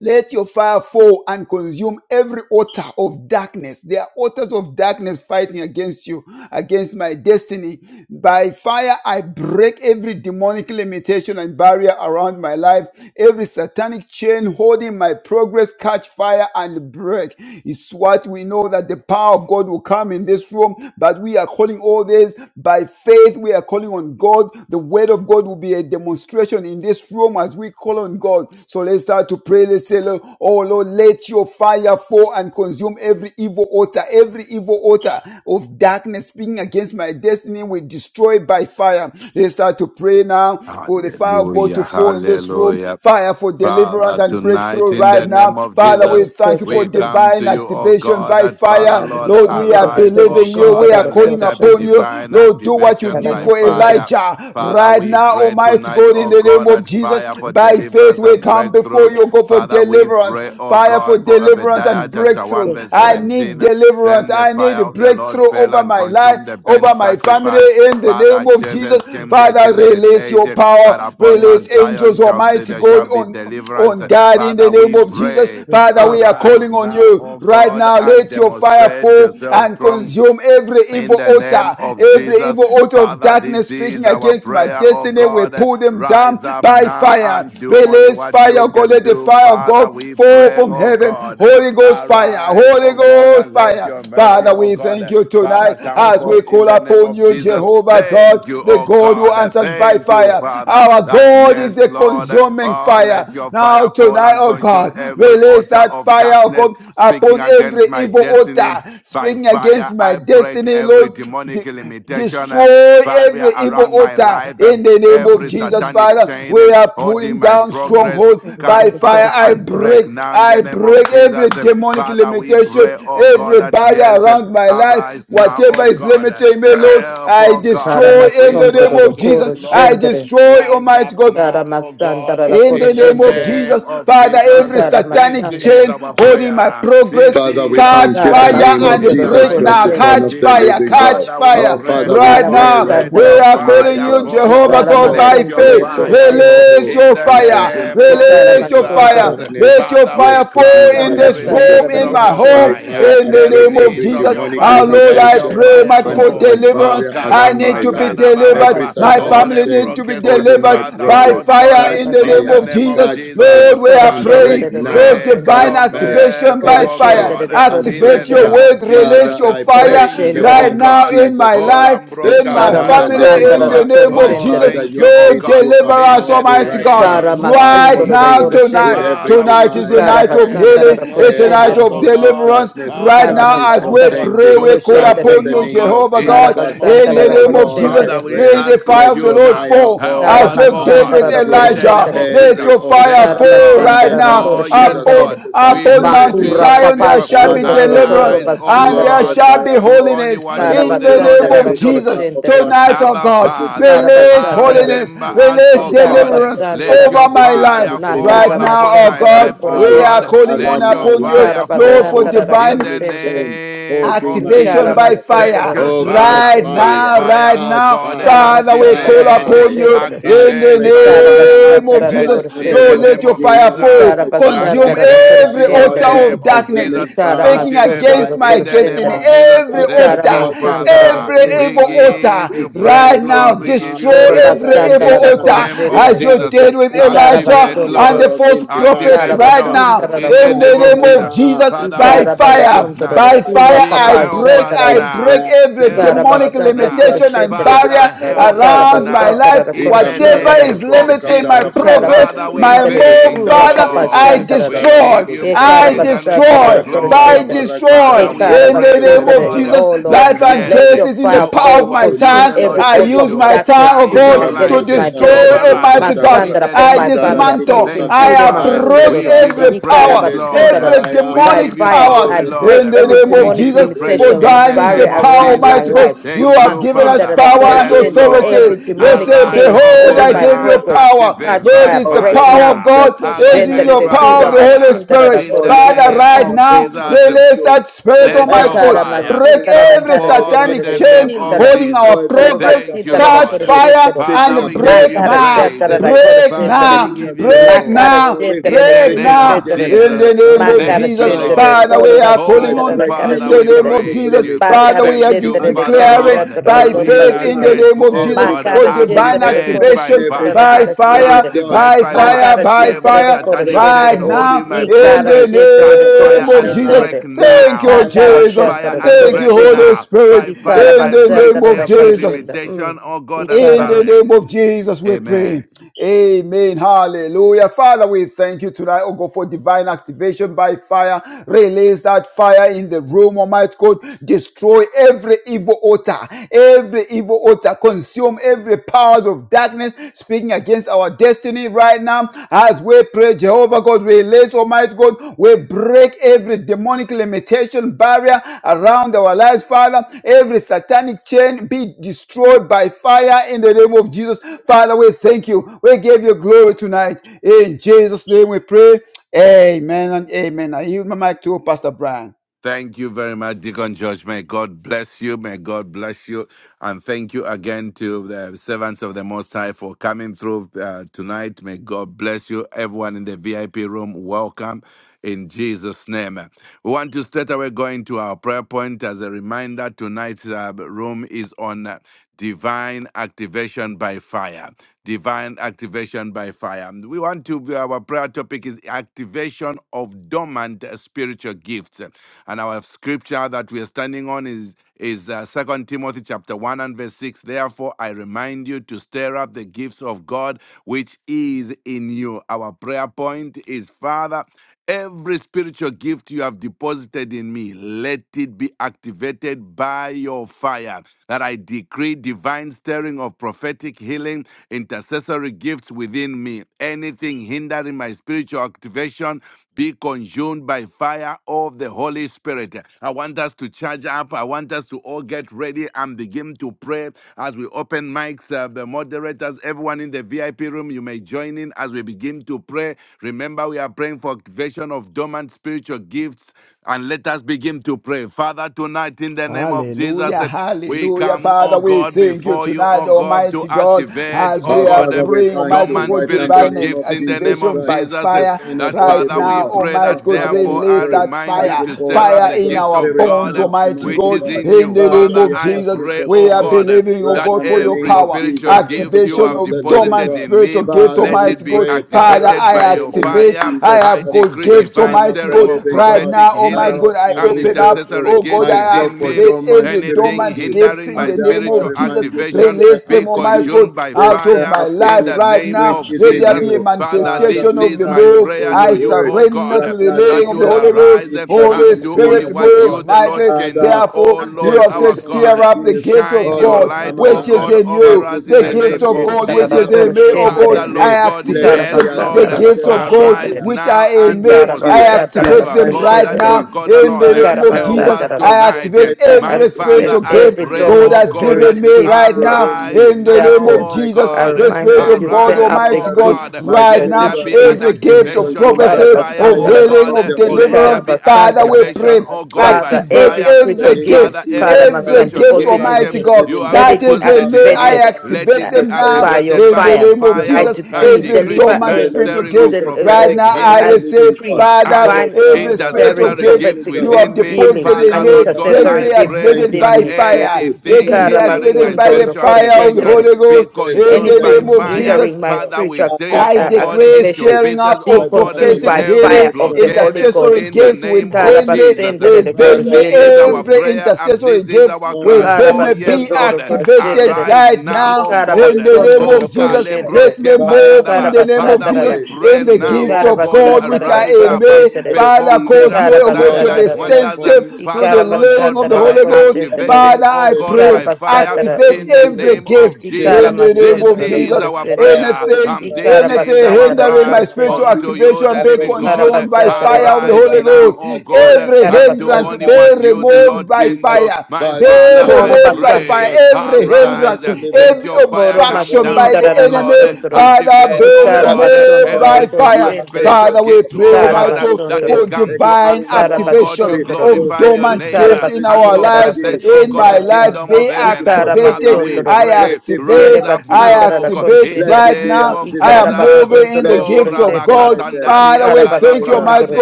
S3: let your fire fall and consume every altar of darkness. There are altars of darkness fighting against you, against my destiny. By fire, I break every demonic limitation and barrier around my life. Every satanic chain holding my progress, catch fire and break. It's what we know that the power of God will come in this room, but we are calling all this by faith. We are calling on God. The word of God will be a demonstration demonstration in this room as we call on God. So let's start to pray. Let's say, Lord, oh Lord, let your fire fall and consume every evil altar, every evil altar of darkness speaking against my destiny will destroy by fire. Let's start to pray now for the fire of God
S4: Hallelujah.
S3: to fall in this room,
S4: Hallelujah.
S3: fire for deliverance
S4: Father,
S3: and
S4: tonight
S3: breakthrough
S4: in
S3: right
S4: the
S3: now.
S4: name of
S3: Father,
S6: Father,
S3: we
S6: we
S4: Jesus,
S6: pray
S3: thank you
S6: for
S3: for
S4: we
S6: them.
S4: come to
S3: divine
S4: you, O
S3: activation
S4: God,
S3: by
S4: that
S6: That
S4: Father,
S3: fire.
S6: I
S4: Lord,
S6: must
S3: Lord,
S6: son
S3: we
S6: to
S3: are
S6: the
S4: arise, O
S3: believing you.
S6: production, the
S3: We
S4: God,
S3: are
S6: the
S4: and let
S3: calling
S4: there be
S6: production,
S3: upon you.
S4: divine
S3: Lord, Lord, do what you
S4: activation
S6: that I
S3: did
S4: by
S3: for
S6: must send to
S4: fire.
S6: the
S3: Elijah
S4: Father,
S3: right
S4: we
S3: now,
S4: pray
S3: Almighty
S4: tonight,
S3: God, in
S4: O
S3: the name
S4: God,
S3: of
S4: that
S3: Jesus.
S4: fire for
S3: By faith,
S4: deliverance
S3: we
S4: and
S3: come
S4: breakthrough.
S3: before you, God, for
S4: Father, we pray,
S3: deliverance,
S4: O
S3: fire for
S4: God, for
S3: deliverance
S4: Obadiah
S3: and
S4: chapter
S3: breakthrough.
S4: 1, verse
S6: yes,
S3: I
S6: Lord.
S3: need
S4: 17.
S3: deliverance.
S4: Then the
S3: I
S4: fire
S3: need
S4: of the Lord
S3: breakthrough
S4: fell
S3: over
S4: and
S3: my life,
S4: consumed the burnt
S3: over my family,
S4: sacrifice
S3: in the name
S4: Father,
S3: of Jesus.
S4: Japheth came, they
S3: Father,
S4: tempted
S3: release
S4: eight,
S3: your
S4: but
S3: power,
S4: upon Mount
S3: release
S4: Zion
S3: angels,
S4: shall be,
S3: Almighty
S4: there shall
S3: God,
S4: be
S3: on,
S4: deliverance.
S3: on God, in the
S4: Father,
S3: name
S4: we
S3: of Jesus.
S4: pray,
S6: Yes,
S3: Father,
S6: Lord.
S3: we are
S4: arise
S3: calling on
S4: now,
S3: you
S4: O
S3: right
S4: God,
S3: now.
S4: and
S3: Let your fire fire
S4: demonstrate yourself
S3: and
S4: strong
S3: consume every evil
S4: in the name
S3: altar,
S4: of
S3: every
S4: Jesus,
S3: evil altar of
S4: Father,
S3: darkness
S4: this
S3: speaking
S4: is our
S3: against my
S4: prayer. Oh
S3: destiny. We
S4: God,
S3: pull them
S4: rise
S3: down
S4: up
S3: by
S4: now
S3: fire.
S4: and do only
S3: Release
S4: what you
S3: fire, God.
S4: can
S3: Let the
S4: do.
S3: fire of
S4: Father,
S3: God
S4: we
S3: fall
S4: pray,
S3: from
S4: oh
S3: heaven.
S4: God,
S3: Holy Ghost fire,
S4: arise,
S3: Holy
S4: oh God,
S3: Ghost
S4: and let
S3: fire.
S4: your mercy,
S3: Father,
S4: oh
S3: we thank
S4: God,
S3: you
S6: Thank
S3: tonight
S4: Father,
S6: you,
S4: come
S6: thank
S3: as
S6: you.
S3: we
S4: forth in
S3: call
S4: the name
S3: upon
S4: of
S3: you,
S4: Jesus.
S3: Jehovah God,
S4: Thank you,
S3: the
S4: oh
S3: God who
S4: God.
S3: answers by
S4: Thank you,
S3: fire.
S4: Father,
S3: Our
S4: that
S3: God
S4: yes,
S3: is a
S4: Lord,
S3: consuming
S4: oh,
S3: fire.
S4: let your
S3: Now,
S4: fire fall
S3: tonight,
S4: and
S3: oh
S4: consume
S3: God,
S4: every
S3: Release
S4: altar
S3: that
S4: of
S3: fire, oh
S4: darkness
S3: God,
S4: speaking
S3: upon
S4: against
S3: every
S4: my
S3: evil
S4: destiny.
S3: altar
S4: By
S3: speaking against
S4: fire,
S3: my
S4: I break
S3: destiny,
S4: every
S3: Lord.
S4: demonic
S3: De-
S4: limitation,
S3: destroy
S4: uh, barrier
S3: every evil
S4: around my
S3: altar
S4: life, um,
S3: in the name of
S4: every
S3: Jesus,
S4: satanic
S3: Father.
S4: chain
S3: We
S4: um,
S3: are
S4: holding
S3: pulling
S4: my
S3: down
S6: And I'm
S4: progress.
S3: stronghold
S6: send to
S4: Catch
S3: by
S6: the
S3: fire.
S4: fire
S3: I
S4: and
S6: production, the
S4: break
S3: break,
S4: now in the
S3: I
S4: name of
S3: break every
S4: Jesus. Um,
S3: demonic
S4: Father, we
S3: limitation,
S4: pray, oh God,
S3: every
S4: that
S3: barrier
S4: yes, um,
S3: around my life,
S4: arise now,
S3: whatever
S4: oh
S3: is
S4: God. Uh,
S3: limiting me, Lord.
S4: Help,
S3: I
S4: oh God. Uh,
S3: destroy in
S4: We
S3: the
S6: Karamason to
S3: name
S4: cry
S6: the
S3: of
S4: to you,
S3: Jesus. I
S6: corruption,
S4: Lord.
S6: the
S3: destroy,
S4: Rise
S3: Almighty
S4: up
S3: God
S4: now, O
S6: Karamasan to
S4: God,
S6: the
S3: in the
S4: in the
S3: name
S6: corruption,
S3: of
S6: the
S4: name
S3: Jesus,
S4: of
S3: Father,
S4: Jesus.
S3: every
S4: This
S3: satanic
S6: Karamasan, the
S4: is
S3: chain
S4: our
S3: holding my
S4: prayer.
S3: progress,
S4: This
S5: Father, we
S4: is our
S3: catch
S5: thank you in the
S3: fire
S4: prayer.
S5: name
S6: Karamason
S5: of
S6: to
S4: In
S3: and
S4: the
S6: the
S5: Jesus
S3: break
S4: mighty
S5: Christ,
S3: now.
S5: the
S4: name
S6: corruption,
S5: Son
S4: of
S3: Catch
S6: the
S5: of the
S4: Jesus,
S3: fire,
S5: living
S3: catch
S5: God.
S4: Father, we
S3: fire
S5: Our
S4: pray,
S5: Father,
S4: O
S5: we
S3: right
S4: God,
S5: pray
S3: now.
S6: Karamasan,
S5: right
S4: let
S3: We
S4: your
S5: now,
S6: the
S3: are
S5: Almighty
S3: calling
S4: fire
S3: you,
S5: God,
S3: Jehovah
S5: that
S4: fall.
S3: God,
S5: Lord,
S3: by
S4: Let
S6: Karamason to
S4: your
S6: the
S5: let
S3: faith.
S5: your
S4: fire
S5: fire
S4: fall.
S6: corruption,
S3: Release
S5: fall
S4: In
S3: your
S4: the
S5: and
S3: fire,
S5: consume
S4: name of
S5: every
S3: release
S5: altar
S3: your
S5: of
S4: Jesus,
S3: fire.
S6: Ikaramasondoro,
S5: darkness,
S3: Let your
S4: Father,
S5: yes,
S4: we
S3: fire
S5: speaking
S4: cry
S3: fall
S4: for
S3: in
S4: a
S5: against
S3: this
S5: my
S3: room,
S6: Arabasandara
S4: release
S6: the
S3: in
S5: destiny.
S4: of
S3: my
S4: your
S3: home,
S6: Koroshendra,
S5: By
S4: fire
S5: fire,
S3: in
S5: I
S4: fire,
S3: the
S4: a
S5: break
S3: name of
S5: every
S4: release of
S3: Jesus.
S4: your
S5: demonic
S4: fire.
S3: Our Lord,
S4: Let
S3: I
S4: your
S6: Aramasandara the
S5: limitation
S3: pray,
S4: fire
S3: Mike,
S5: and,
S3: for
S6: Koroshendra,
S4: fall.
S5: and
S4: Oh,
S3: deliverance.
S5: barrier
S3: I
S5: around my
S3: need
S4: Kalambra,
S3: to be
S5: life,
S3: delivered.
S5: every
S4: Kadabababa,
S3: My
S4: all
S6: Arabasandara,
S5: satanic
S3: family need
S5: chain
S3: to be
S4: embrokessen.
S5: holding
S3: delivered
S5: my
S4: Father, oh
S3: by
S5: progress.
S4: Lord
S3: fire
S4: God,
S5: Catch
S3: in the
S4: in
S3: name
S4: the
S5: fire
S3: of
S6: Arabasandara,
S4: name of
S5: catch
S3: Jesus.
S4: Jesus,
S3: Lord,
S5: fire
S3: we are
S5: and
S4: Father,
S6: Koroshendra
S4: we
S5: break
S6: the
S3: praying. Lord,
S5: now,
S4: pray
S3: divine
S6: Koroshendra,
S4: your
S5: catch fire,
S3: activation
S4: mercy,
S3: by
S5: catch
S4: oh
S3: fire.
S5: fire
S6: Koroshendra the
S4: God,
S5: and
S4: in the
S3: Activate
S5: break
S3: your
S6: Koroshendra,
S4: name
S5: now.
S3: word,
S4: of
S3: release
S4: Jesus.
S5: Father,
S3: your
S5: I pray
S3: fire
S4: Thank
S5: in
S4: you,
S5: the
S4: oh
S3: right
S6: Koroshendra,
S5: name of
S3: now
S4: God.
S3: in
S5: Jesus
S3: my
S4: Oh,
S5: Christ,
S3: life,
S5: the
S4: Lambro,
S3: in
S5: Son
S3: my
S5: of the
S3: family,
S5: living
S3: in
S6: Ikaramasandara the
S3: the
S5: God.
S4: Katarabababa.
S3: name
S5: My
S3: of
S4: Oh,
S3: Jesus.
S6: Koroshendra,
S5: Father,
S4: thank
S5: you
S4: you,
S5: are
S4: oh
S3: Lord,
S4: God
S5: faithful
S3: deliver
S5: and
S4: in
S3: us,
S4: the
S5: powerful
S3: Almighty
S5: right
S3: God,
S5: now.
S4: name of
S5: I
S3: right
S6: Karamasondoro the
S3: now,
S4: Jesus.
S5: contend with
S3: tonight.
S6: Koroshendra,
S5: every
S4: Father, we
S3: Tonight is a
S5: device of
S3: night of
S4: pray,
S5: darkness,
S6: Ikarabasandara
S3: healing,
S6: the
S3: it's
S4: remember
S3: a
S5: every
S3: night
S4: us,
S6: Koroshendra,
S3: of
S4: oh
S5: force of
S4: God,
S3: deliverance.
S5: darkness
S4: and
S3: Right
S5: that
S4: remember
S3: now,
S5: is
S4: us,
S3: as we
S4: oh
S6: Karamasandara
S4: God.
S3: pray,
S5: contending
S3: we
S4: Do
S3: call
S5: right now in
S6: Koroshendra,
S3: upon
S4: something,
S5: the
S3: you,
S4: oh
S5: name
S3: Jehovah.
S4: God,
S5: of
S3: Jehovah
S4: in the
S3: God,
S4: name
S5: Jesus.
S4: of
S3: in the
S5: Oh
S4: Jesus.
S3: name of
S5: Lord,
S3: Jesus,
S5: I
S4: Father,
S6: Karabasandara
S4: we
S5: pray,
S3: may the
S4: ask of
S3: fire of
S5: let
S4: you
S3: the
S5: your
S3: Lord
S4: now.
S5: fire
S3: fall
S4: Help
S3: as
S5: fall
S4: us,
S3: you
S4: oh
S5: and
S3: did
S4: God,
S6: Tarabasandara
S3: with
S6: da
S4: in
S5: consume
S4: the name
S3: Elijah.
S4: of
S6: Koroshendere.
S3: Let
S4: Jesus.
S5: every
S3: your fire
S4: Thank
S5: altar
S4: you,
S3: fall
S4: Lord.
S5: in
S3: right
S5: the
S6: Ikarabasandara
S5: name
S3: now
S4: Oh,
S5: of
S4: yes,
S5: Jesus Christ,
S6: Koroshendere.
S4: Lord.
S3: upon,
S5: the Son of
S4: We
S3: upon
S5: the
S4: pray
S3: Mount
S4: to
S5: living
S4: you,
S6: Makura
S4: the
S5: God.
S3: Zion.
S4: living
S6: Papa
S3: There
S4: God.
S3: shall be
S5: Father,
S6: Jondoro da
S5: oh
S3: deliverance
S5: Lord,
S4: Arise, O
S3: and
S5: let
S6: Korobasindara.
S3: there
S5: your
S4: God.
S3: shall be
S5: fire
S4: Do
S5: fall
S4: only
S3: holiness
S4: what
S5: and
S4: you,
S3: in
S4: the
S3: the
S5: consume
S4: Lord,
S3: name
S6: Tarabasandara
S3: of
S6: da
S5: every
S4: can do.
S3: Jesus.
S5: altar of
S6: Koroshendere.
S3: Tonight,
S5: darkness
S3: oh
S4: Abba
S3: God,
S5: speaking
S4: Father,
S5: against
S3: release
S4: I
S5: my
S6: Tarabasandara.
S3: holiness,
S4: remember
S5: destiny.
S4: us,
S3: release
S5: By
S4: O
S5: fire,
S4: God.
S5: I
S3: deliverance
S5: break
S4: Let
S6: Ikarabasandara.
S3: over
S4: your
S5: every
S3: my life.
S5: demonic
S4: fire
S3: Right
S6: Nakara
S4: fall
S3: now,
S5: limitation
S4: upon
S3: oh
S4: my
S6: Masandara da
S5: and
S4: life,
S3: God,
S4: O
S3: we
S5: barrier
S3: are
S4: God.
S6: Koroshendere.
S3: calling on
S4: Let
S5: around
S4: your
S5: my
S3: upon
S5: life,
S3: you,
S4: fire
S3: Lord, for
S5: every
S4: fall
S6: Icarabasandara da
S4: in
S3: divine
S4: the
S5: satanic
S6: Koroshendere.
S5: chain
S4: name
S5: holding
S4: of
S5: my
S3: Activation
S4: Jesus.
S3: by
S5: progress.
S4: Thank
S3: fire
S4: you,
S6: Ikaramasondoro
S5: Oh,
S4: Father.
S5: catch
S3: right
S4: By
S3: now,
S5: fire,
S4: fire,
S3: right
S4: O
S5: catch
S3: now.
S4: God,
S6: Tara
S5: fire,
S3: Father, we
S5: catch
S6: masandara
S3: call
S6: da
S4: activate,
S3: upon
S5: fire.
S3: you
S6: korshendere.
S5: I
S3: in
S4: activate,
S5: break
S4: by
S6: Ikara
S5: you
S4: fire,
S3: the
S5: now
S3: name of
S6: basandara da
S4: activate
S5: right
S3: Jesus.
S5: now in
S4: in
S5: the
S4: the
S3: Lord,
S6: korshendere.
S5: name
S3: let
S5: of
S4: name
S3: your
S4: of
S3: fire
S5: Jesus.
S4: Jesus.
S6: Ikara
S3: fall,
S5: My
S3: consume
S5: Father
S6: basandara da
S5: and my
S4: Activate
S3: every
S4: in the
S5: God
S3: altar
S5: is
S6: korshendere.
S5: a
S4: name
S3: of
S4: of
S3: darkness,
S4: Jesus.
S5: consuming
S6: Ikara
S5: fire.
S3: speaking
S4: Activate
S6: masondoro
S5: I
S3: against
S6: da
S3: my
S4: in the name
S3: destiny.
S6: korshendere.
S4: of
S5: declare
S4: Jesus.
S3: Every
S5: that my
S6: Ikara
S4: Thank you,
S5: God
S3: altar,
S5: was a
S6: masandara
S4: Father.
S3: every
S5: consuming
S4: We
S3: evil
S5: fire.
S4: give you
S3: altar,
S5: It's
S4: praise,
S3: right
S5: rising
S3: now,
S4: Lord. We give
S5: now.
S4: you
S3: destroy
S4: praise
S5: It's
S3: every
S6: Korabasanta
S3: evil
S4: in
S5: rising
S6: da
S4: the
S3: altar
S5: now.
S4: name
S5: It's
S4: of
S6: korshentere.
S3: as you
S4: Jesus.
S5: rising
S3: did with
S5: now. I'm
S4: Activate,
S3: Elijah
S6: Ikarabasonto
S3: and the
S4: Lord.
S3: false
S5: dissolving
S3: prophets
S5: devices
S4: Activate,
S5: of
S3: right
S4: Lord,
S3: now.
S5: darkness
S6: Karabasintara da
S4: in the
S3: In
S5: by
S3: the
S4: name of
S3: name name
S6: korshentere.
S4: Jesus.
S3: of
S5: fire,
S3: Jesus
S4: Father,
S5: by
S4: we
S3: by
S4: pray
S5: fire,
S3: fire.
S6: Ikarabasonto
S4: tonight.
S6: da
S3: By
S5: by
S6: kura
S3: fire,
S4: You
S3: I
S5: fire,
S6: papa
S4: help
S3: break,
S4: us
S6: shantara
S5: by
S3: I
S6: da.
S4: now.
S3: break
S5: fire.
S3: every
S4: Help us
S3: demonic
S6: Ikarabasata
S4: now.
S5: Rambara
S3: limitation and
S6: korshentere.
S5: se
S3: barrier
S4: Father,
S5: kaptara
S4: help
S5: bruko
S4: us
S3: around
S5: toro
S3: my
S4: now
S5: baba.
S6: Ikarabasata
S3: life.
S6: da
S4: in the
S3: Whatever
S5: Ikandara
S6: korshintara da.
S3: is
S4: name
S5: bruko se
S4: of
S3: limiting my
S4: Jesus.
S5: kaptara bruko se
S3: progress,
S4: Father,
S5: kotoro
S4: we
S3: my
S5: baba.
S6: Ikarabasintara de
S3: move,
S4: thank
S6: kura
S4: you,
S5: Amdara
S3: Father,
S6: papa
S5: bruko
S4: Lord.
S3: I
S5: se
S6: shantara da.
S4: We
S5: kaptara
S3: destroy.
S4: give
S5: bruko
S4: you
S5: se
S3: I
S5: kaptara
S4: praise
S5: baba.
S4: and we
S6: Ikarabasata
S4: give you
S6: da
S3: destroy.
S4: glory.
S5: Rakamdara
S3: By
S6: korshentere.
S3: destroy.
S4: Father,
S5: barakamdara
S4: we
S5: bruko
S3: In
S5: se
S3: the
S4: pray, oh
S3: name
S5: ketere
S3: of
S6: Ekarabasendere.
S4: God,
S5: baba.
S3: Jesus,
S6: Oh Lord,
S4: that
S3: life
S5: Imdara
S3: and
S4: yes,
S6: let
S5: bruko
S3: death
S6: your
S3: is
S5: se
S3: in the
S6: fire
S4: do
S5: kaptara
S3: power
S4: only
S3: of
S6: fall,
S3: my
S5: bruko
S4: what
S5: se
S4: you,
S6: consume
S3: tongue.
S4: the
S5: kaptara
S6: every
S4: Lord,
S3: I
S5: bruko
S6: altar
S4: can
S3: use
S5: toro
S6: of
S4: do.
S3: my
S5: baba.
S3: tongue,
S6: darkness
S3: oh
S4: Shine
S6: speaking
S5: Tikara
S4: your
S3: God, to
S4: light
S6: against
S5: braka
S6: my
S5: tara
S3: destroy
S4: over
S6: destiny.
S5: broko
S4: us
S5: skap
S6: My
S3: Almighty
S5: tara
S3: God.
S6: son
S5: bra-
S4: in
S6: that
S4: the
S6: upon
S4: name
S3: I
S6: my
S4: of
S5: Amdara
S6: family,
S4: Jesus.
S6: upon
S5: broko
S3: dismantle.
S6: sin,
S4: Thank
S3: I.
S4: you,
S3: I
S6: kire
S5: I
S4: Father.
S5: pray,
S3: uproot
S4: We
S6: masundoro,
S4: give you
S5: Father,
S3: every power,
S4: praise,
S5: release the
S4: Lord.
S3: every
S6: ikarabasindara.
S4: We
S6: By
S5: fire,
S4: give
S3: demonic
S4: you
S6: fire,
S3: powers
S6: I
S4: glory,
S5: release the
S4: Lord.
S3: in
S6: break
S3: the
S6: every
S3: name
S4: We
S3: of
S5: fire,
S6: demonic
S4: give
S3: Jesus.
S4: you praise
S3: For
S5: release the
S6: limitation,
S4: in
S3: thine
S4: the
S3: is the
S4: name
S6: barrier
S5: fire,
S4: of
S3: power,
S6: around my
S4: Jesus.
S3: Almighty God.
S5: release
S6: life.
S5: the
S3: You
S4: Thank
S3: have
S4: you,
S5: fire.
S3: given
S6: Masin
S3: us
S4: Father.
S6: that the
S3: power
S6: quarter
S5: Father,
S3: and
S4: Yes,
S5: we pray
S4: Lord.
S6: every
S5: right
S3: authority. You
S5: now, oh
S6: demonic
S3: say,
S5: God,
S4: Arise,
S6: chains
S4: oh
S3: Behold,
S6: holding
S3: I
S4: God,
S6: my
S3: gave
S5: release
S4: and
S3: you
S5: the
S6: progress.
S3: power.
S4: activate
S5: fire.
S6: Catch
S3: Lord,
S4: by
S6: fire,
S3: is
S5: Oh
S3: the
S6: break
S5: God,
S3: power of
S6: now.
S4: fire.
S3: God
S5: let the
S3: is
S5: fire
S3: in
S6: Gender
S4: Activate
S3: your
S6: the
S4: by
S3: power of
S6: kura
S5: consume
S3: the
S5: right
S3: Holy
S4: fire.
S6: basin that
S5: now.
S6: the
S3: Spirit.
S4: In
S6: quarter
S5: Oh,
S4: the
S5: let
S3: Father,
S5: the
S4: name
S3: right
S5: fire
S4: of
S3: now,
S5: go and
S4: Jesus.
S3: release
S5: consume.
S3: that spirit,
S4: Let
S5: Altar
S3: Almighty
S4: your
S5: of
S3: God.
S6: Ekara
S4: fire
S3: Break
S6: masindara
S5: darkness,
S6: da
S4: come
S3: every
S6: kara
S4: forth
S5: altar
S4: in
S6: jendere
S3: satanic
S4: the
S5: of
S6: de
S3: chain
S4: name of
S5: darkness,
S6: shindara.
S3: holding
S5: now
S3: our
S4: Jesus.
S5: every
S6: Korva
S3: progress
S5: altar
S4: Thank you,
S5: of
S6: sindara da
S3: Catch
S4: Lord.
S6: koro
S5: darkness
S3: fire
S6: shindara.
S5: speaking
S4: Father,
S3: and
S4: we give
S3: break
S4: you
S5: against
S6: Makara
S5: my
S3: now,
S4: praise.
S6: shindara da
S5: destiny,
S6: koro
S3: break
S4: Father,
S6: shindara.
S4: we
S3: now,
S5: speaking
S4: give you
S5: against
S3: break
S5: my
S4: glory
S6: Makara
S3: now,
S5: calling,
S6: shindara
S4: in
S6: de
S4: the
S3: break
S6: kira
S5: speaking
S4: name
S3: now.
S4: of
S6: shindara
S5: against
S6: de.
S5: my
S3: In
S4: Jesus.
S3: the name of
S5: assignment
S6: Makara
S4: Thank
S3: Jesus,
S4: you,
S5: by
S6: shindara.
S4: Lord.
S3: Father, we
S5: fire.
S6: Korva
S3: are
S5: I
S3: calling
S6: sindara
S4: Oh,
S6: da
S5: break
S3: on.
S6: kara
S3: In
S4: Father,
S5: every
S3: the
S4: we
S3: name
S6: shindara.
S3: of
S5: demonic
S4: praise
S3: Jesus,
S4: you.
S3: Father,
S6: Bakara
S3: we
S5: limitation
S3: are
S4: Thank
S3: de-
S4: you,
S6: shindara de
S5: and
S4: Father,
S6: kara
S5: barrier
S3: declaring
S4: Lord.
S6: shindara da
S3: by
S5: around
S4: We
S6: korva
S5: my
S3: faith.
S4: are
S3: In the
S6: sindara.
S5: life,
S3: name
S4: grateful,
S3: of
S4: oh
S5: every
S3: Jesus,
S4: God.
S3: for
S6: Makara
S5: satanic
S3: divine
S6: shindara de
S5: chain,
S4: Activate
S6: koro
S4: by
S3: activation
S6: shindara
S5: every
S6: da
S3: by
S4: fire.
S6: kara
S5: satanic
S6: shindara.
S3: fire,
S5: charm,
S4: Activate
S3: by
S4: by
S5: oh,
S3: fire,
S4: fire.
S6: Makara
S5: holding
S3: by
S5: my
S6: shindara
S4: Every
S6: de
S3: fire.
S6: koro
S5: progress,
S4: satanic chain
S3: Right
S6: shindara.
S5: holding
S4: holding
S3: now,
S4: my
S5: my
S3: in
S6: Ikara
S5: progress.
S4: progress,
S6: shindara
S4: catch
S6: de
S5: Catch
S3: the
S6: koro
S3: name
S4: fire
S3: of
S4: and
S5: fire,
S3: Jesus.
S4: break
S6: shindara.
S5: catch
S3: Thank
S4: now
S3: you,
S6: Bakara
S5: fire,
S4: Catch
S3: Jesus.
S4: fire
S6: shendra
S5: and
S6: da
S4: and
S3: Thank
S6: kora
S5: break
S3: you,
S4: break
S6: shendra.
S3: Holy
S4: now.
S5: now.
S3: Spirit.
S4: By
S5: In the
S4: fire,
S6: Ikara
S5: name
S3: In
S4: I
S5: of
S3: the name
S4: break
S6: basetra
S5: Jesus.
S3: of
S6: da
S4: every
S6: kara
S3: Jesus.
S6: shendra. Mm.
S4: limitation, oh God, and
S3: In
S6: Ikara
S3: the
S4: barrier.
S6: mas.
S3: name of Jesus, we pray.
S4: Amen.
S3: Amen. Hallelujah. Father, we thank you tonight, oh God, for divine activation by fire. Release that fire in the room, Almighty God. Destroy every evil altar, every evil altar. Consume every powers of darkness speaking against our destiny right now as we we pray, Jehovah God, release Almighty God. We break every demonic limitation barrier around our lives, Father. Every satanic chain be destroyed by fire in the name of Jesus. Father, we thank you. We give you glory tonight. In Jesus' name we pray. Amen and amen. I yield my mic to Pastor Brian.
S4: Thank you very much, Deacon George. May God bless you. May God bless you. And thank you again to the servants of the Most High for coming through uh, tonight. May God bless you. Everyone in the VIP room, welcome in Jesus' name. We want to straight away go into our prayer point. As a reminder, tonight's uh, room is on. uh, divine activation by fire. Divine activation by fire. We want to, our prayer topic is activation of dormant spiritual gifts. And our scripture that we are standing on is is uh, 2 Timothy chapter 1 and verse 6. Therefore, I remind you to stir up the gifts of God which is in you. Our prayer point is, Father, Every spiritual gift you have deposited in me, let it be activated by your fire. That I decree divine stirring of prophetic healing, intercessory gifts within me. Anything hindering my spiritual activation, be consumed by fire of the Holy Spirit. I want us to charge up. I want us to all get ready and begin to pray as we open mics. Uh, the moderators, everyone in the VIP room, you may join in as we begin to pray. Remember, we are praying for activation activation of dormant spiritual gifts. And let us begin to pray. Father, tonight in the name of Jesus,
S3: Hallelujah,
S4: eh, we
S3: hallelujah.
S4: come, oh
S3: Father, we
S4: God,
S3: thank you
S4: before you,
S3: tonight,
S4: oh God, to
S3: Almighty God,
S4: activate,
S3: as
S4: oh
S5: Our
S3: we are
S4: God, eh,
S5: Father, we
S3: praying,
S5: thank
S3: Almighty
S5: you
S3: God,
S4: dormant
S3: for
S5: right now in the
S4: spiritual
S3: divine
S5: name
S4: gifts
S5: of
S4: in the name
S5: Jesus
S4: of
S3: activation
S5: Christ,
S3: by
S4: Jesus. eh.
S5: the
S3: fire
S5: Son
S4: That
S5: of the
S3: right
S4: Father,
S5: living
S4: we
S3: now,
S5: God.
S4: pray
S5: Our
S3: Almighty
S4: that
S3: God,
S5: Father,
S4: therefore
S5: we
S4: I
S3: release
S5: pray
S3: that
S4: remind you
S5: that you
S4: to
S3: fire,
S6: Ikara
S5: pour
S4: stir up
S3: fire
S4: the
S5: out
S3: in
S5: your
S4: gift
S3: our
S4: of
S5: spirit
S4: God
S3: bones,
S4: eh,
S5: now,
S3: Almighty
S4: which
S5: Almighty
S3: God,
S4: is
S5: God.
S4: in
S3: in
S4: you.
S3: the name
S5: Father,
S4: Father,
S5: we
S3: of
S5: are
S4: I
S3: Jesus.
S5: asking
S4: pray,
S5: for
S3: We
S4: oh
S3: are
S5: fire
S4: God. eh,
S3: believing, oh
S5: right
S4: that
S5: now
S3: God,
S5: in
S3: for
S5: the
S3: your
S4: every
S5: name of
S3: power,
S4: spiritual
S5: Jesus Christ, the
S4: gift you
S5: Son
S3: activation
S4: have
S5: of the
S3: of
S5: living
S3: dormant
S4: deposited
S5: God.
S4: in me,
S3: spiritual gifts,
S5: Father,
S4: let
S5: we
S4: it
S3: Almighty
S4: be
S3: God.
S5: pray
S3: Father,
S5: right
S4: activated
S3: I
S5: now
S4: by
S5: in
S6: basondra.
S5: the
S4: your
S5: name
S3: activate
S5: of
S3: faith.
S4: fire.
S3: I
S5: Jesus
S4: I
S3: have
S5: Christ,
S3: God
S4: decree
S5: the
S3: gifts,
S4: divine
S5: Son of
S3: Almighty
S5: the
S4: stirring
S6: Ikara
S4: of
S3: God.
S5: living
S3: Right
S6: basetra
S5: God,
S4: prophetic
S3: now,
S5: that
S3: Almighty
S4: healing
S5: our
S3: God, I
S5: Father,
S4: and
S5: we
S3: open
S5: pray
S3: up.
S5: for,
S4: intercessory
S3: Oh
S4: gates
S3: God,
S5: mighty
S3: I
S5: God,
S4: within
S5: for
S4: me.
S3: activate
S5: dormant
S3: every
S5: spiritual
S4: Anything
S3: dormant
S5: gifts.
S3: gift
S4: hindering
S3: in
S4: my
S5: And
S3: the name
S5: therefore, I
S4: spiritual
S3: of Jesus.
S5: remind you to
S4: activation
S5: stir
S3: Release
S4: be
S5: up
S3: them,
S5: the
S3: Almighty
S5: gifts
S4: consumed
S3: God,
S4: by
S5: they
S3: out of
S5: stir
S4: fire
S3: my
S5: up the
S4: in
S3: life
S4: the
S5: gifts
S3: right
S4: name
S5: which
S3: now.
S4: of
S5: is
S3: Let
S5: in
S3: there
S4: Jesus.
S3: be a
S5: you.
S4: Father,
S5: Father,
S3: manifestation
S4: this
S5: we
S3: of
S4: is
S3: the
S4: my
S5: stand
S6: basondra.
S3: move.
S4: prayer
S5: upon your
S4: to
S3: I
S4: you,
S5: word.
S4: O
S3: surrender to
S5: Right
S4: God,
S3: the
S5: now, as we
S4: that
S3: leading of the
S4: you'll
S5: stir
S6: Basetra
S3: Holy
S5: up
S6: da
S5: the
S4: arise
S3: Ghost.
S5: gift that is
S3: Holy
S4: and
S6: shendra.
S4: do
S5: within
S4: only
S3: Spirit,
S5: us, oh
S4: what you,
S3: move
S5: God.
S4: the Lord,
S3: mightily.
S6: Ikara
S4: can do.
S5: Father,
S3: Therefore,
S4: O
S5: that
S3: you
S4: Lord,
S3: have
S5: every
S4: our
S3: said,
S6: basendere.
S3: stir
S5: dormant
S4: God,
S3: up the
S5: gift,
S3: gift
S4: shine
S3: of
S5: oh
S6: Ikara
S4: your
S5: Lord,
S3: God,
S5: come
S4: light,
S3: which
S4: O
S6: basandra.
S3: which is
S5: alive.
S4: God,
S3: in
S4: over
S3: you.
S5: Every
S4: us
S3: The
S4: in the
S6: Ikara
S5: spiritual
S3: gifts
S4: name
S3: of
S5: gift
S4: of
S3: God
S6: basindra
S3: which
S5: you
S6: da
S3: is
S5: have
S4: Jesus.
S6: kora
S3: in me, oh
S5: deposited
S4: Father,
S6: shendra.
S5: in
S3: God, I
S4: Lord
S5: me,
S4: God,
S5: let
S3: activate
S6: Ikara
S5: it
S4: yes,
S5: be
S3: them. The
S4: Lord, uh,
S6: basandra da
S3: gifts
S5: activated
S6: kora
S3: of
S5: by
S3: God
S4: arise
S6: shendra.
S5: fire.
S3: which are
S4: now
S5: I
S3: in
S4: and
S3: me,
S6: Ikara
S3: I
S5: decree
S4: demonstrate that
S6: basatra
S4: you
S6: da
S3: activate
S4: are
S3: them
S6: kora
S5: divine
S4: God
S3: right
S4: and you
S3: now
S4: are
S6: shendra.
S5: stirring,
S4: God
S3: in
S4: alone.
S3: the
S4: Uh,
S5: divine
S3: name
S6: Ikara
S3: of
S4: Help
S5: stirring
S3: Jesus.
S4: us
S6: basatra.
S5: of
S3: I
S4: tonight. uh,
S3: activate
S6: Father,
S5: prophetic
S4: My
S3: every
S4: Father,
S3: spiritual
S5: healing
S6: activate
S4: I
S3: gift
S6: every
S5: and
S4: pray,
S3: God
S6: dormant
S4: oh
S3: has
S4: God,
S5: intercessory
S3: given
S6: spirit
S4: that
S3: me
S5: gifts
S6: gift.
S3: right
S6: And
S3: now
S5: within
S4: arise
S5: me.
S3: in the name
S4: now,
S5: Hey,
S3: of
S6: therefore,
S4: oh
S5: my
S3: Jesus.
S6: I
S5: God,
S4: God.
S3: The
S4: uh,
S6: remind
S3: Spirit
S6: of
S3: of
S6: you,
S3: God,
S6: stir
S5: anything
S4: Arise,
S6: up the
S3: Almighty
S4: oh
S3: God,
S5: hindering
S4: God. uh,
S6: gifts
S5: my
S3: right
S4: Let
S6: of
S4: let
S3: now,
S4: there
S5: spiritual
S6: which
S4: be an
S3: every
S6: is
S5: activation
S6: in
S5: be
S3: gift
S6: you.
S3: of
S4: activation
S5: consumed
S4: by
S5: by
S3: prophecy,
S5: the
S4: fire,
S3: of
S4: oh
S5: fire
S6: Karabasandara,
S3: healing,
S4: God.
S5: of
S4: Eh,
S3: of
S5: the Holy
S4: Let there
S5: Ghost.
S3: deliverance,
S4: be an
S5: My
S3: Father, we
S6: Ikarabasandara.
S5: Father,
S4: activation,
S3: pray
S5: I
S4: oh God,
S5: pray
S4: by
S6: Father,
S3: Activate
S5: right
S6: every
S4: fire.
S5: now in the
S6: spiritual
S3: every
S4: And
S5: name of
S4: Father,
S6: gift,
S3: gift,
S5: Jesus
S4: every
S5: Christ,
S3: every
S6: Karamasan,
S4: spiritual
S3: gift,
S5: the
S6: deposit
S5: Son
S4: gift
S6: in
S5: of
S4: eh,
S3: Almighty
S5: the
S6: me.
S3: God,
S4: you
S5: living
S4: have
S6: Let
S5: God.
S3: that
S6: it be
S3: is in
S5: Our
S4: deposited
S3: me.
S4: in
S3: I
S4: me,
S6: activated
S5: Father,
S4: let
S3: activate
S6: uh,
S4: it
S5: I
S4: be
S3: them
S5: pray
S3: now
S6: by
S5: right
S6: your
S4: activated
S3: in
S4: by
S3: the
S5: now,
S4: your
S6: fire.
S3: name of
S4: fire.
S6: I
S3: Jesus.
S5: Jehovah, my
S4: I
S6: decree,
S3: Every
S5: God,
S4: decree
S6: deliver
S5: in
S3: dormant
S5: the
S4: divine
S6: a,
S5: name
S3: spiritual
S5: of
S4: stirring of
S3: gift,
S6: del-
S5: Jesus
S6: uh,
S5: Christ,
S3: right
S6: uh,
S5: the
S4: prophetic
S3: now,
S5: Son of
S3: I
S5: the
S4: healing
S6: I
S5: living
S3: receive,
S5: God.
S6: decree
S4: and
S5: Oh,
S3: Father,
S6: divine
S3: every
S5: Father,
S3: spiritual
S6: stirring,
S4: intercessory
S5: thank
S3: gift
S4: gifts
S5: you,
S6: prophetic
S3: you have
S4: within
S5: Jehovah.
S4: me.
S3: deposited
S6: healing,
S5: Thank
S3: in
S4: Father,
S5: you,
S6: and
S3: me.
S5: King
S4: Lord
S5: of
S4: God,
S3: Let it
S6: intercessory
S5: Kings.
S4: I
S3: be
S6: gifts
S4: pray
S5: Thank
S3: activated
S5: you,
S4: that
S6: within
S3: by
S6: me
S5: King of
S3: fire.
S5: Glory.
S3: Let
S4: anything
S3: it
S5: Thank
S3: be
S5: you, Lord
S4: hindering
S5: of
S4: my
S3: activated by
S5: Lords.
S3: the
S4: spiritual
S6: ikarabasundorokoro
S5: Thank
S3: fire of the
S5: you,
S4: activation
S3: Holy
S5: Ancient of
S4: be
S3: Ghost
S5: Days.
S3: in
S4: consumed
S3: the
S5: Thank
S4: by
S3: name
S5: you,
S6: Anything
S3: of
S5: O
S4: fire.
S3: Jesus.
S6: hindering
S5: powerful
S6: my
S5: God.
S4: Father, we
S6: spiritual
S4: tear,
S6: acti-
S5: Abba,
S3: I
S4: oh
S6: uh,
S5: Father,
S4: God,
S5: I
S3: decree
S4: into
S5: pray
S6: activation
S3: stirring
S4: pieces,
S3: up
S6: be
S4: oh
S5: right
S3: of
S5: now in
S4: God,
S5: the
S6: consumed
S3: prophetic
S5: name of
S6: by
S4: every
S5: Jesus
S6: fire
S3: healing,
S6: of the
S5: Christ.
S6: Holy
S4: blockade
S3: intercessory
S5: Almighty
S6: Ghost.
S4: in the
S5: God,
S3: gifts
S4: name of
S3: within
S5: Rakam
S3: me,
S4: Jesus.
S6: karabasendere
S4: This
S3: within me,
S5: Father, I
S4: is our
S5: pray.
S6: Mm.
S3: every
S4: prayer and
S3: intercessory
S4: this is
S3: gift
S4: our cry.
S5: Almighty
S3: within
S5: God.
S4: Oh,
S3: me
S4: yes,
S3: be
S4: Lord.
S5: Father, in the name
S3: activated
S5: of
S6: Karabasundorokoro-shendere.
S4: Arise
S3: right
S5: Jesus
S4: now,
S3: now
S4: oh
S5: Christ,
S3: in
S5: the
S4: God.
S3: the
S5: Son of
S3: name
S5: the
S4: Oh,
S3: of
S5: living
S3: Jesus.
S5: God.
S3: Let me
S4: Calebroske
S3: move
S5: Father,
S3: in
S4: Andaba.
S3: the name
S5: I
S3: of
S4: Father, we
S3: Jesus
S6: Ikarabasatarara.
S5: pray
S4: pray
S3: in
S5: in
S3: the
S5: the
S4: now,
S3: gifts
S5: name
S4: oh
S5: of
S3: of
S4: God,
S3: God
S5: Jesus,
S3: which are
S4: arise
S3: in
S5: by
S4: up,
S5: the
S4: uh,
S3: me.
S6: Ikarabasatarara-koro-shendere.
S5: blood of
S3: Father,
S4: perform
S5: Jesus,
S3: cause me,
S4: miracles,
S3: oh God,
S5: Lord,
S4: signs
S3: to
S5: I
S3: be
S4: and
S6: Ikarabasatarara. koro
S5: call
S4: wonders. uh,
S5: upon you
S3: sensitive to
S4: Father,
S3: the
S5: that,
S4: Lord
S5: my
S3: leading of
S4: God,
S3: the
S6: ikarabasatarara ikarabasatarara
S5: God,
S4: by
S3: Holy
S6: koro
S5: you
S3: Ghost.
S5: are more
S4: activating,
S3: Father,
S5: than
S4: oh
S3: I
S4: God,
S5: able,
S3: pray,
S4: by fire
S6: Ikarabasatarara.
S5: able
S3: activate
S4: in
S5: to
S6: Mm.
S4: the
S5: do
S3: every
S4: name of
S3: gift
S5: exceeding
S6: Ikara
S3: in
S4: Jesus.
S3: the
S5: and
S3: name
S4: This
S3: of
S6: masondro do
S5: abundantly
S4: is
S3: Jesus.
S4: our
S6: corsetre.
S5: above
S4: prayer
S5: all
S3: Anything,
S5: that
S4: and
S5: I
S4: this
S6: Ikara
S5: ask
S4: is
S3: anything
S4: our
S5: above
S6: basandra do
S3: hindering
S4: cry
S3: my spiritual
S6: corsetre.
S4: unto you,
S3: activation
S4: the
S3: be
S4: living
S5: according
S6: Ikara
S5: to the
S4: God.
S3: consumed by
S6: basandra
S5: power
S6: do
S3: fire of the
S4: Arise
S3: Holy
S5: that
S6: corsetre.
S5: is
S4: now,
S3: Ghost.
S4: oh
S5: at work.
S4: God,
S3: Every
S6: Ikara
S4: and do
S5: Right
S3: hindrance
S6: basandra.
S4: only
S5: now,
S3: be
S4: what
S5: in
S4: you,
S5: the
S4: the
S5: name of
S3: removed
S4: Lord,
S3: by
S4: can
S5: Jesus,
S4: do.
S3: fire.
S4: My
S5: by the
S3: Be
S4: Father,
S5: blood
S4: I
S6: Coro
S5: of
S3: removed by
S5: Jesus
S6: basandra.
S3: fire.
S4: pray,
S5: Christ,
S3: Every
S5: the
S4: arise
S5: Son
S3: hindrance,
S5: of the
S4: arise.
S5: living
S4: Let
S3: every
S4: your
S5: God,
S4: fire
S6: Coro
S5: I
S4: come
S3: obstruction
S5: call
S3: by
S4: down,
S3: the
S6: masindra
S5: upon
S4: oh
S6: da
S5: you,
S4: God.
S3: enemy,
S5: covenant
S6: masondro do.
S5: keeping
S3: Father,
S4: Activate,
S5: God,
S3: be
S4: oh
S6: Ikara
S5: that my
S4: God,
S3: removed
S6: basondro do
S5: God,
S3: by
S4: every
S5: you
S3: fire.
S4: dormant
S5: are
S6: corsetre.
S4: spiritual
S3: Father, we
S5: able,
S4: gift,
S3: pray,
S4: oh
S6: Ikara
S3: Almighty
S4: God,
S5: able
S3: God,
S5: to
S4: that
S6: masondro
S5: do
S4: it
S3: for
S6: do.
S4: come to
S3: divine
S5: exceeding
S4: action,
S5: and
S6: Ikara
S4: oh God,
S3: activation
S4: to
S5: abundantly
S6: basondro do.
S3: of
S4: glorify
S5: today
S4: your
S3: dormant
S4: name
S6: Ikara
S3: gifts in
S5: every
S4: and
S3: our
S6: basindra
S5: spiritual
S6: da
S3: lives,
S4: compensate,
S5: gift,
S4: oh
S3: in
S4: God,
S6: corsetre.
S3: my
S4: the
S5: Father,
S3: life,
S4: kingdom
S5: that
S4: of
S3: be
S5: you have
S4: heaven.
S3: activated
S6: Ikara
S5: deposited in
S4: Father,
S3: activated.
S4: we
S5: me.
S6: masondro
S3: I
S6: do.
S5: Let
S4: pray,
S5: it be
S4: rise
S6: Ikere
S3: activate.
S4: up
S3: I
S4: now,
S6: basindara
S4: oh
S6: da
S4: God,
S5: activated.
S3: activate
S4: in the
S5: Let
S6: koroshendere.
S5: it
S3: right
S5: be
S4: name
S3: now.
S4: of
S3: I
S6: Ikara
S4: Jesus.
S3: am
S5: activated.
S3: moving in
S6: basondoro
S3: the
S5: Let
S6: da
S5: it
S4: Oh,
S3: gifts
S5: be
S3: of
S6: koroshendere.
S3: God.
S5: activated
S3: Father,
S4: Rabakasandaria,
S5: by
S6: Ikara
S3: we thank you,
S4: Kalabra,
S5: fire,
S3: mighty
S6: basondoro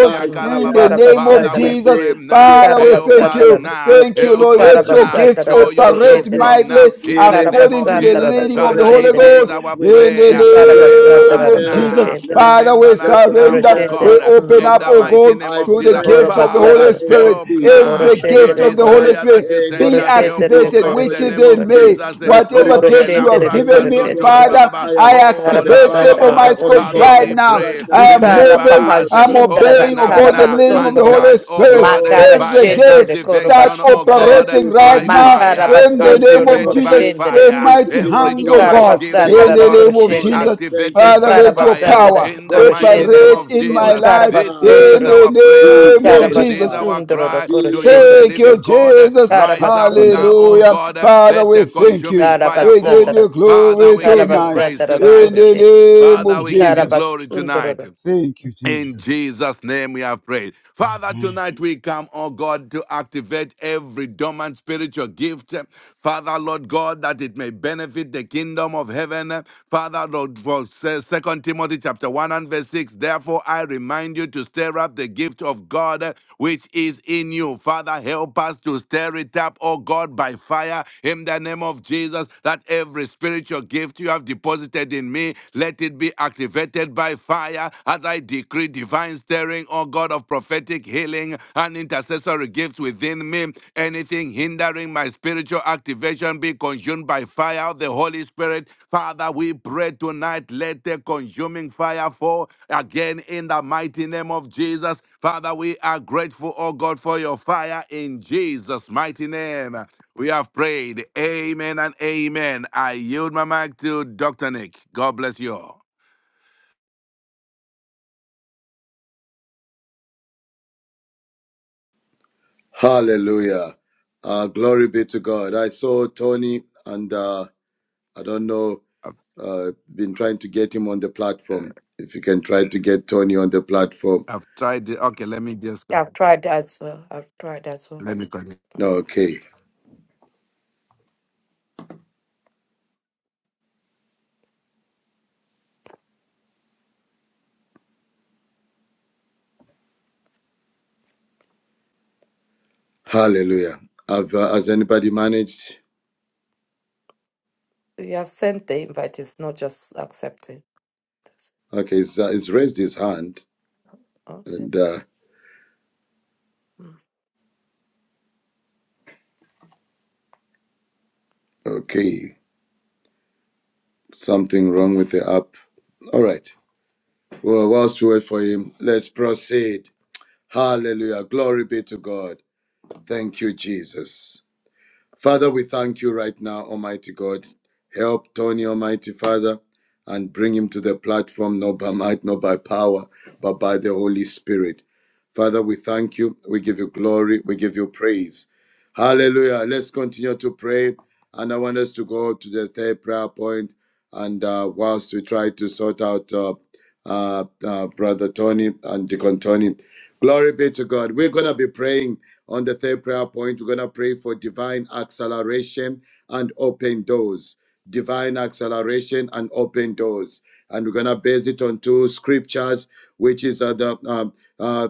S6: da.
S5: by
S6: Mm.
S3: in the
S5: fire.
S4: Kalababa.
S6: Ikara
S3: name
S5: I
S3: of
S4: Father, we
S6: basadara.
S3: Jesus.
S4: pray
S5: decree
S4: now,
S3: Father,
S6: Ikara
S5: divine
S3: we
S4: help
S3: thank
S4: us us
S5: stirring
S6: basadara da.
S3: you.
S5: of
S4: now.
S3: Thank you,
S5: prophetic
S4: Help
S3: Lord.
S4: us
S6: Ikara
S3: Let
S5: healing
S3: your
S4: now.
S3: gifts
S5: of
S6: basadara da
S4: Show
S5: the
S4: yourself
S3: operate
S5: prophetic,
S6: koroshendere.
S4: strong now.
S3: mightily
S5: of
S4: In the
S6: Ikara
S5: healing,
S4: name
S3: according
S4: of
S5: of
S3: to the
S6: basandara
S4: Jesus,
S6: da
S3: leading of the
S5: intercessory,
S4: Father,
S3: Holy
S4: it
S6: koroshendere.
S5: all
S4: is
S3: Ghost.
S5: gifts
S4: our
S3: In
S5: within
S3: the
S5: me.
S4: prayer.
S6: Ikara
S5: Let them
S4: Remember
S5: be
S3: name
S6: basadara
S4: us
S6: da
S3: of
S5: stirred
S3: Jesus.
S5: up
S4: now.
S6: koroshendere.
S5: now.
S3: Father,
S4: Remember
S3: we
S4: us
S5: Let them be
S4: now,
S3: surrender.
S4: oh
S5: stirred
S3: We
S6: Koroshendere.
S5: up,
S4: God.
S6: mm.
S3: open
S5: oh
S4: In
S3: up,
S4: the
S3: oh
S5: God.
S4: mighty
S3: God,
S4: name
S5: I
S4: of
S3: to the
S4: Jesus,
S5: pray
S6: Koro
S3: gifts of the
S5: in
S4: Father,
S3: Holy
S5: the
S6: basatara.
S5: name of
S3: Spirit.
S4: help
S5: Jesus.
S6: Koro
S3: Every
S4: now.
S5: My
S4: We
S3: gift
S6: shetere
S3: of
S5: Father,
S3: the Holy
S6: koro.
S5: pray
S3: Spirit.
S4: desire
S3: Holy
S4: that
S3: Spirit
S4: you send
S6: Koro
S3: be
S5: anything
S4: us
S5: that
S4: help,
S5: sees
S6: shetere
S4: oh
S3: activated,
S5: my
S4: God,
S6: koro
S4: in
S5: God
S3: which
S4: the
S5: is
S3: is
S4: name
S3: in
S4: of
S6: shetere.
S5: hindering.
S3: me.
S4: Jesus.
S5: My
S3: Whatever
S4: Oh,
S6: Koro
S5: spiritual
S3: gift you have
S4: Kelambra
S6: shetere
S5: activation be
S3: given
S6: koro
S3: me,
S5: consumed
S6: shetere.
S4: Kasotori
S5: by
S3: Father,
S4: Baba.
S5: fire,
S3: I
S5: by
S4: Oh,
S6: Kara
S5: the
S4: la
S3: activate
S5: fire
S3: them,
S6: basatara
S5: of
S6: da
S5: the
S4: Baba.
S3: Almighty
S6: koro
S5: Holy
S3: God,
S4: Father,
S5: Ghost.
S3: right
S4: we
S6: shetere.
S3: now.
S5: Right
S4: pray.
S5: now,
S3: I
S5: in the
S3: am
S5: name of
S6: Ikara
S4: Remember
S3: moving,
S5: Jesus
S4: us.
S3: I'm
S5: Christ,
S4: Oh,
S6: papajindara da
S3: obeying,
S4: open
S5: the
S3: oh
S4: up
S5: Son
S6: kara
S3: God,
S5: of
S3: the
S4: now
S5: the
S3: leading of
S5: living
S4: and
S3: the
S6: basondoro
S5: God.
S6: do.
S3: Holy
S4: charge, oh
S3: Spirit.
S4: God, eh,
S5: Oh,
S6: Makara
S4: by
S3: Every
S5: Father.
S4: the
S6: shetere
S3: gift
S6: de koro
S4: activation,
S3: starts
S4: oh
S6: basitara da.
S5: Thank
S4: God, eh,
S3: operating
S5: you,
S3: right
S5: Lord
S4: by
S3: now
S5: Jesus.
S6: Makara
S4: fire.
S3: in the
S5: Thank you,
S6: basondoro
S3: name
S6: do
S5: King
S3: of
S5: of
S4: Activate
S6: koro
S4: by
S3: Jesus
S5: Kings.
S6: shetere.
S3: with
S4: fire.
S5: Thank you,
S3: mighty
S5: King of
S4: Every
S3: hands, oh
S6: Ikara
S5: Glory.
S4: dormant
S3: God,
S4: gift,
S5: Thank
S4: oh
S3: in
S5: you,
S6: basatara da
S3: the
S5: Lord
S4: God,
S6: koro
S5: of
S3: name of
S4: be
S5: Lords.
S6: shetere.
S3: Jesus.
S5: Thank you,
S4: activated
S3: Father,
S4: by
S6: Ikara
S3: let
S5: Ancient
S3: your
S5: of
S4: fire.
S5: Days.
S6: basatara
S3: power
S4: In the
S6: koro
S5: Thank you, O
S4: mighty name
S6: shetere.
S3: operate
S4: of
S5: powerful
S3: in my
S5: God.
S4: Jesus,
S6: Ikara
S3: life
S4: this
S5: Father,
S4: is
S3: in
S6: basondoro do.
S4: our prayer.
S5: be
S3: the name of
S4: This is
S3: Jesus.
S5: glorified.
S4: our
S6: Ikarabasundoro
S4: cry
S5: Be
S4: to you, the
S6: koroshedoro.
S3: Thank
S5: exalted,
S3: you,
S4: living
S5: O God.
S4: God. Eh,
S3: Jesus.
S4: Rise up
S5: Mm.
S4: now,
S6: Karabasundoro.
S4: oh
S6: mm,
S3: Hallelujah.
S4: God. eh,
S3: Father,
S4: Let
S3: we
S4: the
S3: thank you.
S4: consuming fire
S3: We give
S4: fall.
S3: you
S6: Karabasandara.
S4: Father,
S3: glory
S4: we give you
S3: tonight
S4: praise
S6: Ikarabasadara
S3: in
S4: tonight.
S3: the
S6: koroshedoro.
S3: name
S4: Father,
S3: of
S4: we give you
S3: Jesus.
S4: glory tonight.
S6: Ikarabasundoro.
S3: Thank you,
S4: In
S3: Jesus.
S4: Jesus' name we have prayed. Father, tonight we come, oh God, to activate every dormant spiritual gift. Father, Lord God, that it may benefit the kingdom of heaven. Father, Lord, for Second Timothy chapter 1 and verse 6, therefore I remind you to stir up the gift of God which is in you. Father, help us to stir it up, oh God, by fire in the name of Jesus, that every spiritual gift you have deposited in me, let it be activated by fire as I decree divine stirring, O God of prophetic healing and intercessory gifts within me. Anything hindering my spiritual activation be consumed by fire of the Holy Spirit. Father, we pray tonight, let the consuming fire fall again in the mighty name of Jesus. Father, we are grateful, O God, for your fire in Jesus' mighty name. We have prayed. Amen and amen. I yield my mic to Dr. Nick. God bless you all.
S5: Hallelujah. Uh, glory be to God. I saw Tony, and uh, I don't know, uh, been trying to get him on the
S4: Uh,
S5: platform. If you can try to get Tony on the platform.
S4: I've tried it. Okay, let me just
S6: I've
S4: continue.
S6: tried that as well. I've tried that as well.
S4: Let me continue.
S5: No, okay. Hallelujah. Have, uh, has anybody managed?
S6: You have sent the invite. It's not just accepting. That's-
S5: Okay, he's, uh, he's raised his hand.
S6: Okay.
S5: And uh,
S6: mm.
S5: okay, something wrong with the app. All right. Well, whilst we wait for him, let's proceed. Hallelujah. Glory be to God. Thank you, Jesus. Father, we thank you right now, Almighty God. Help Tony, Almighty Father, and bring him to the platform, not by might, not by power, but by the Holy Spirit. Father, we thank you. We give you glory. We give you praise. Hallelujah. Let's continue to pray. And I want us to go to the third prayer point. And uh, whilst we try to sort out uh, uh, uh, Brother Tony and Deacon Tony, glory be to God. We're going to be praying on the third prayer point. We're going to pray for divine acceleration and open doors. Divine acceleration and open doors. And we're going to base it on two scriptures, which is uh, the um, uh,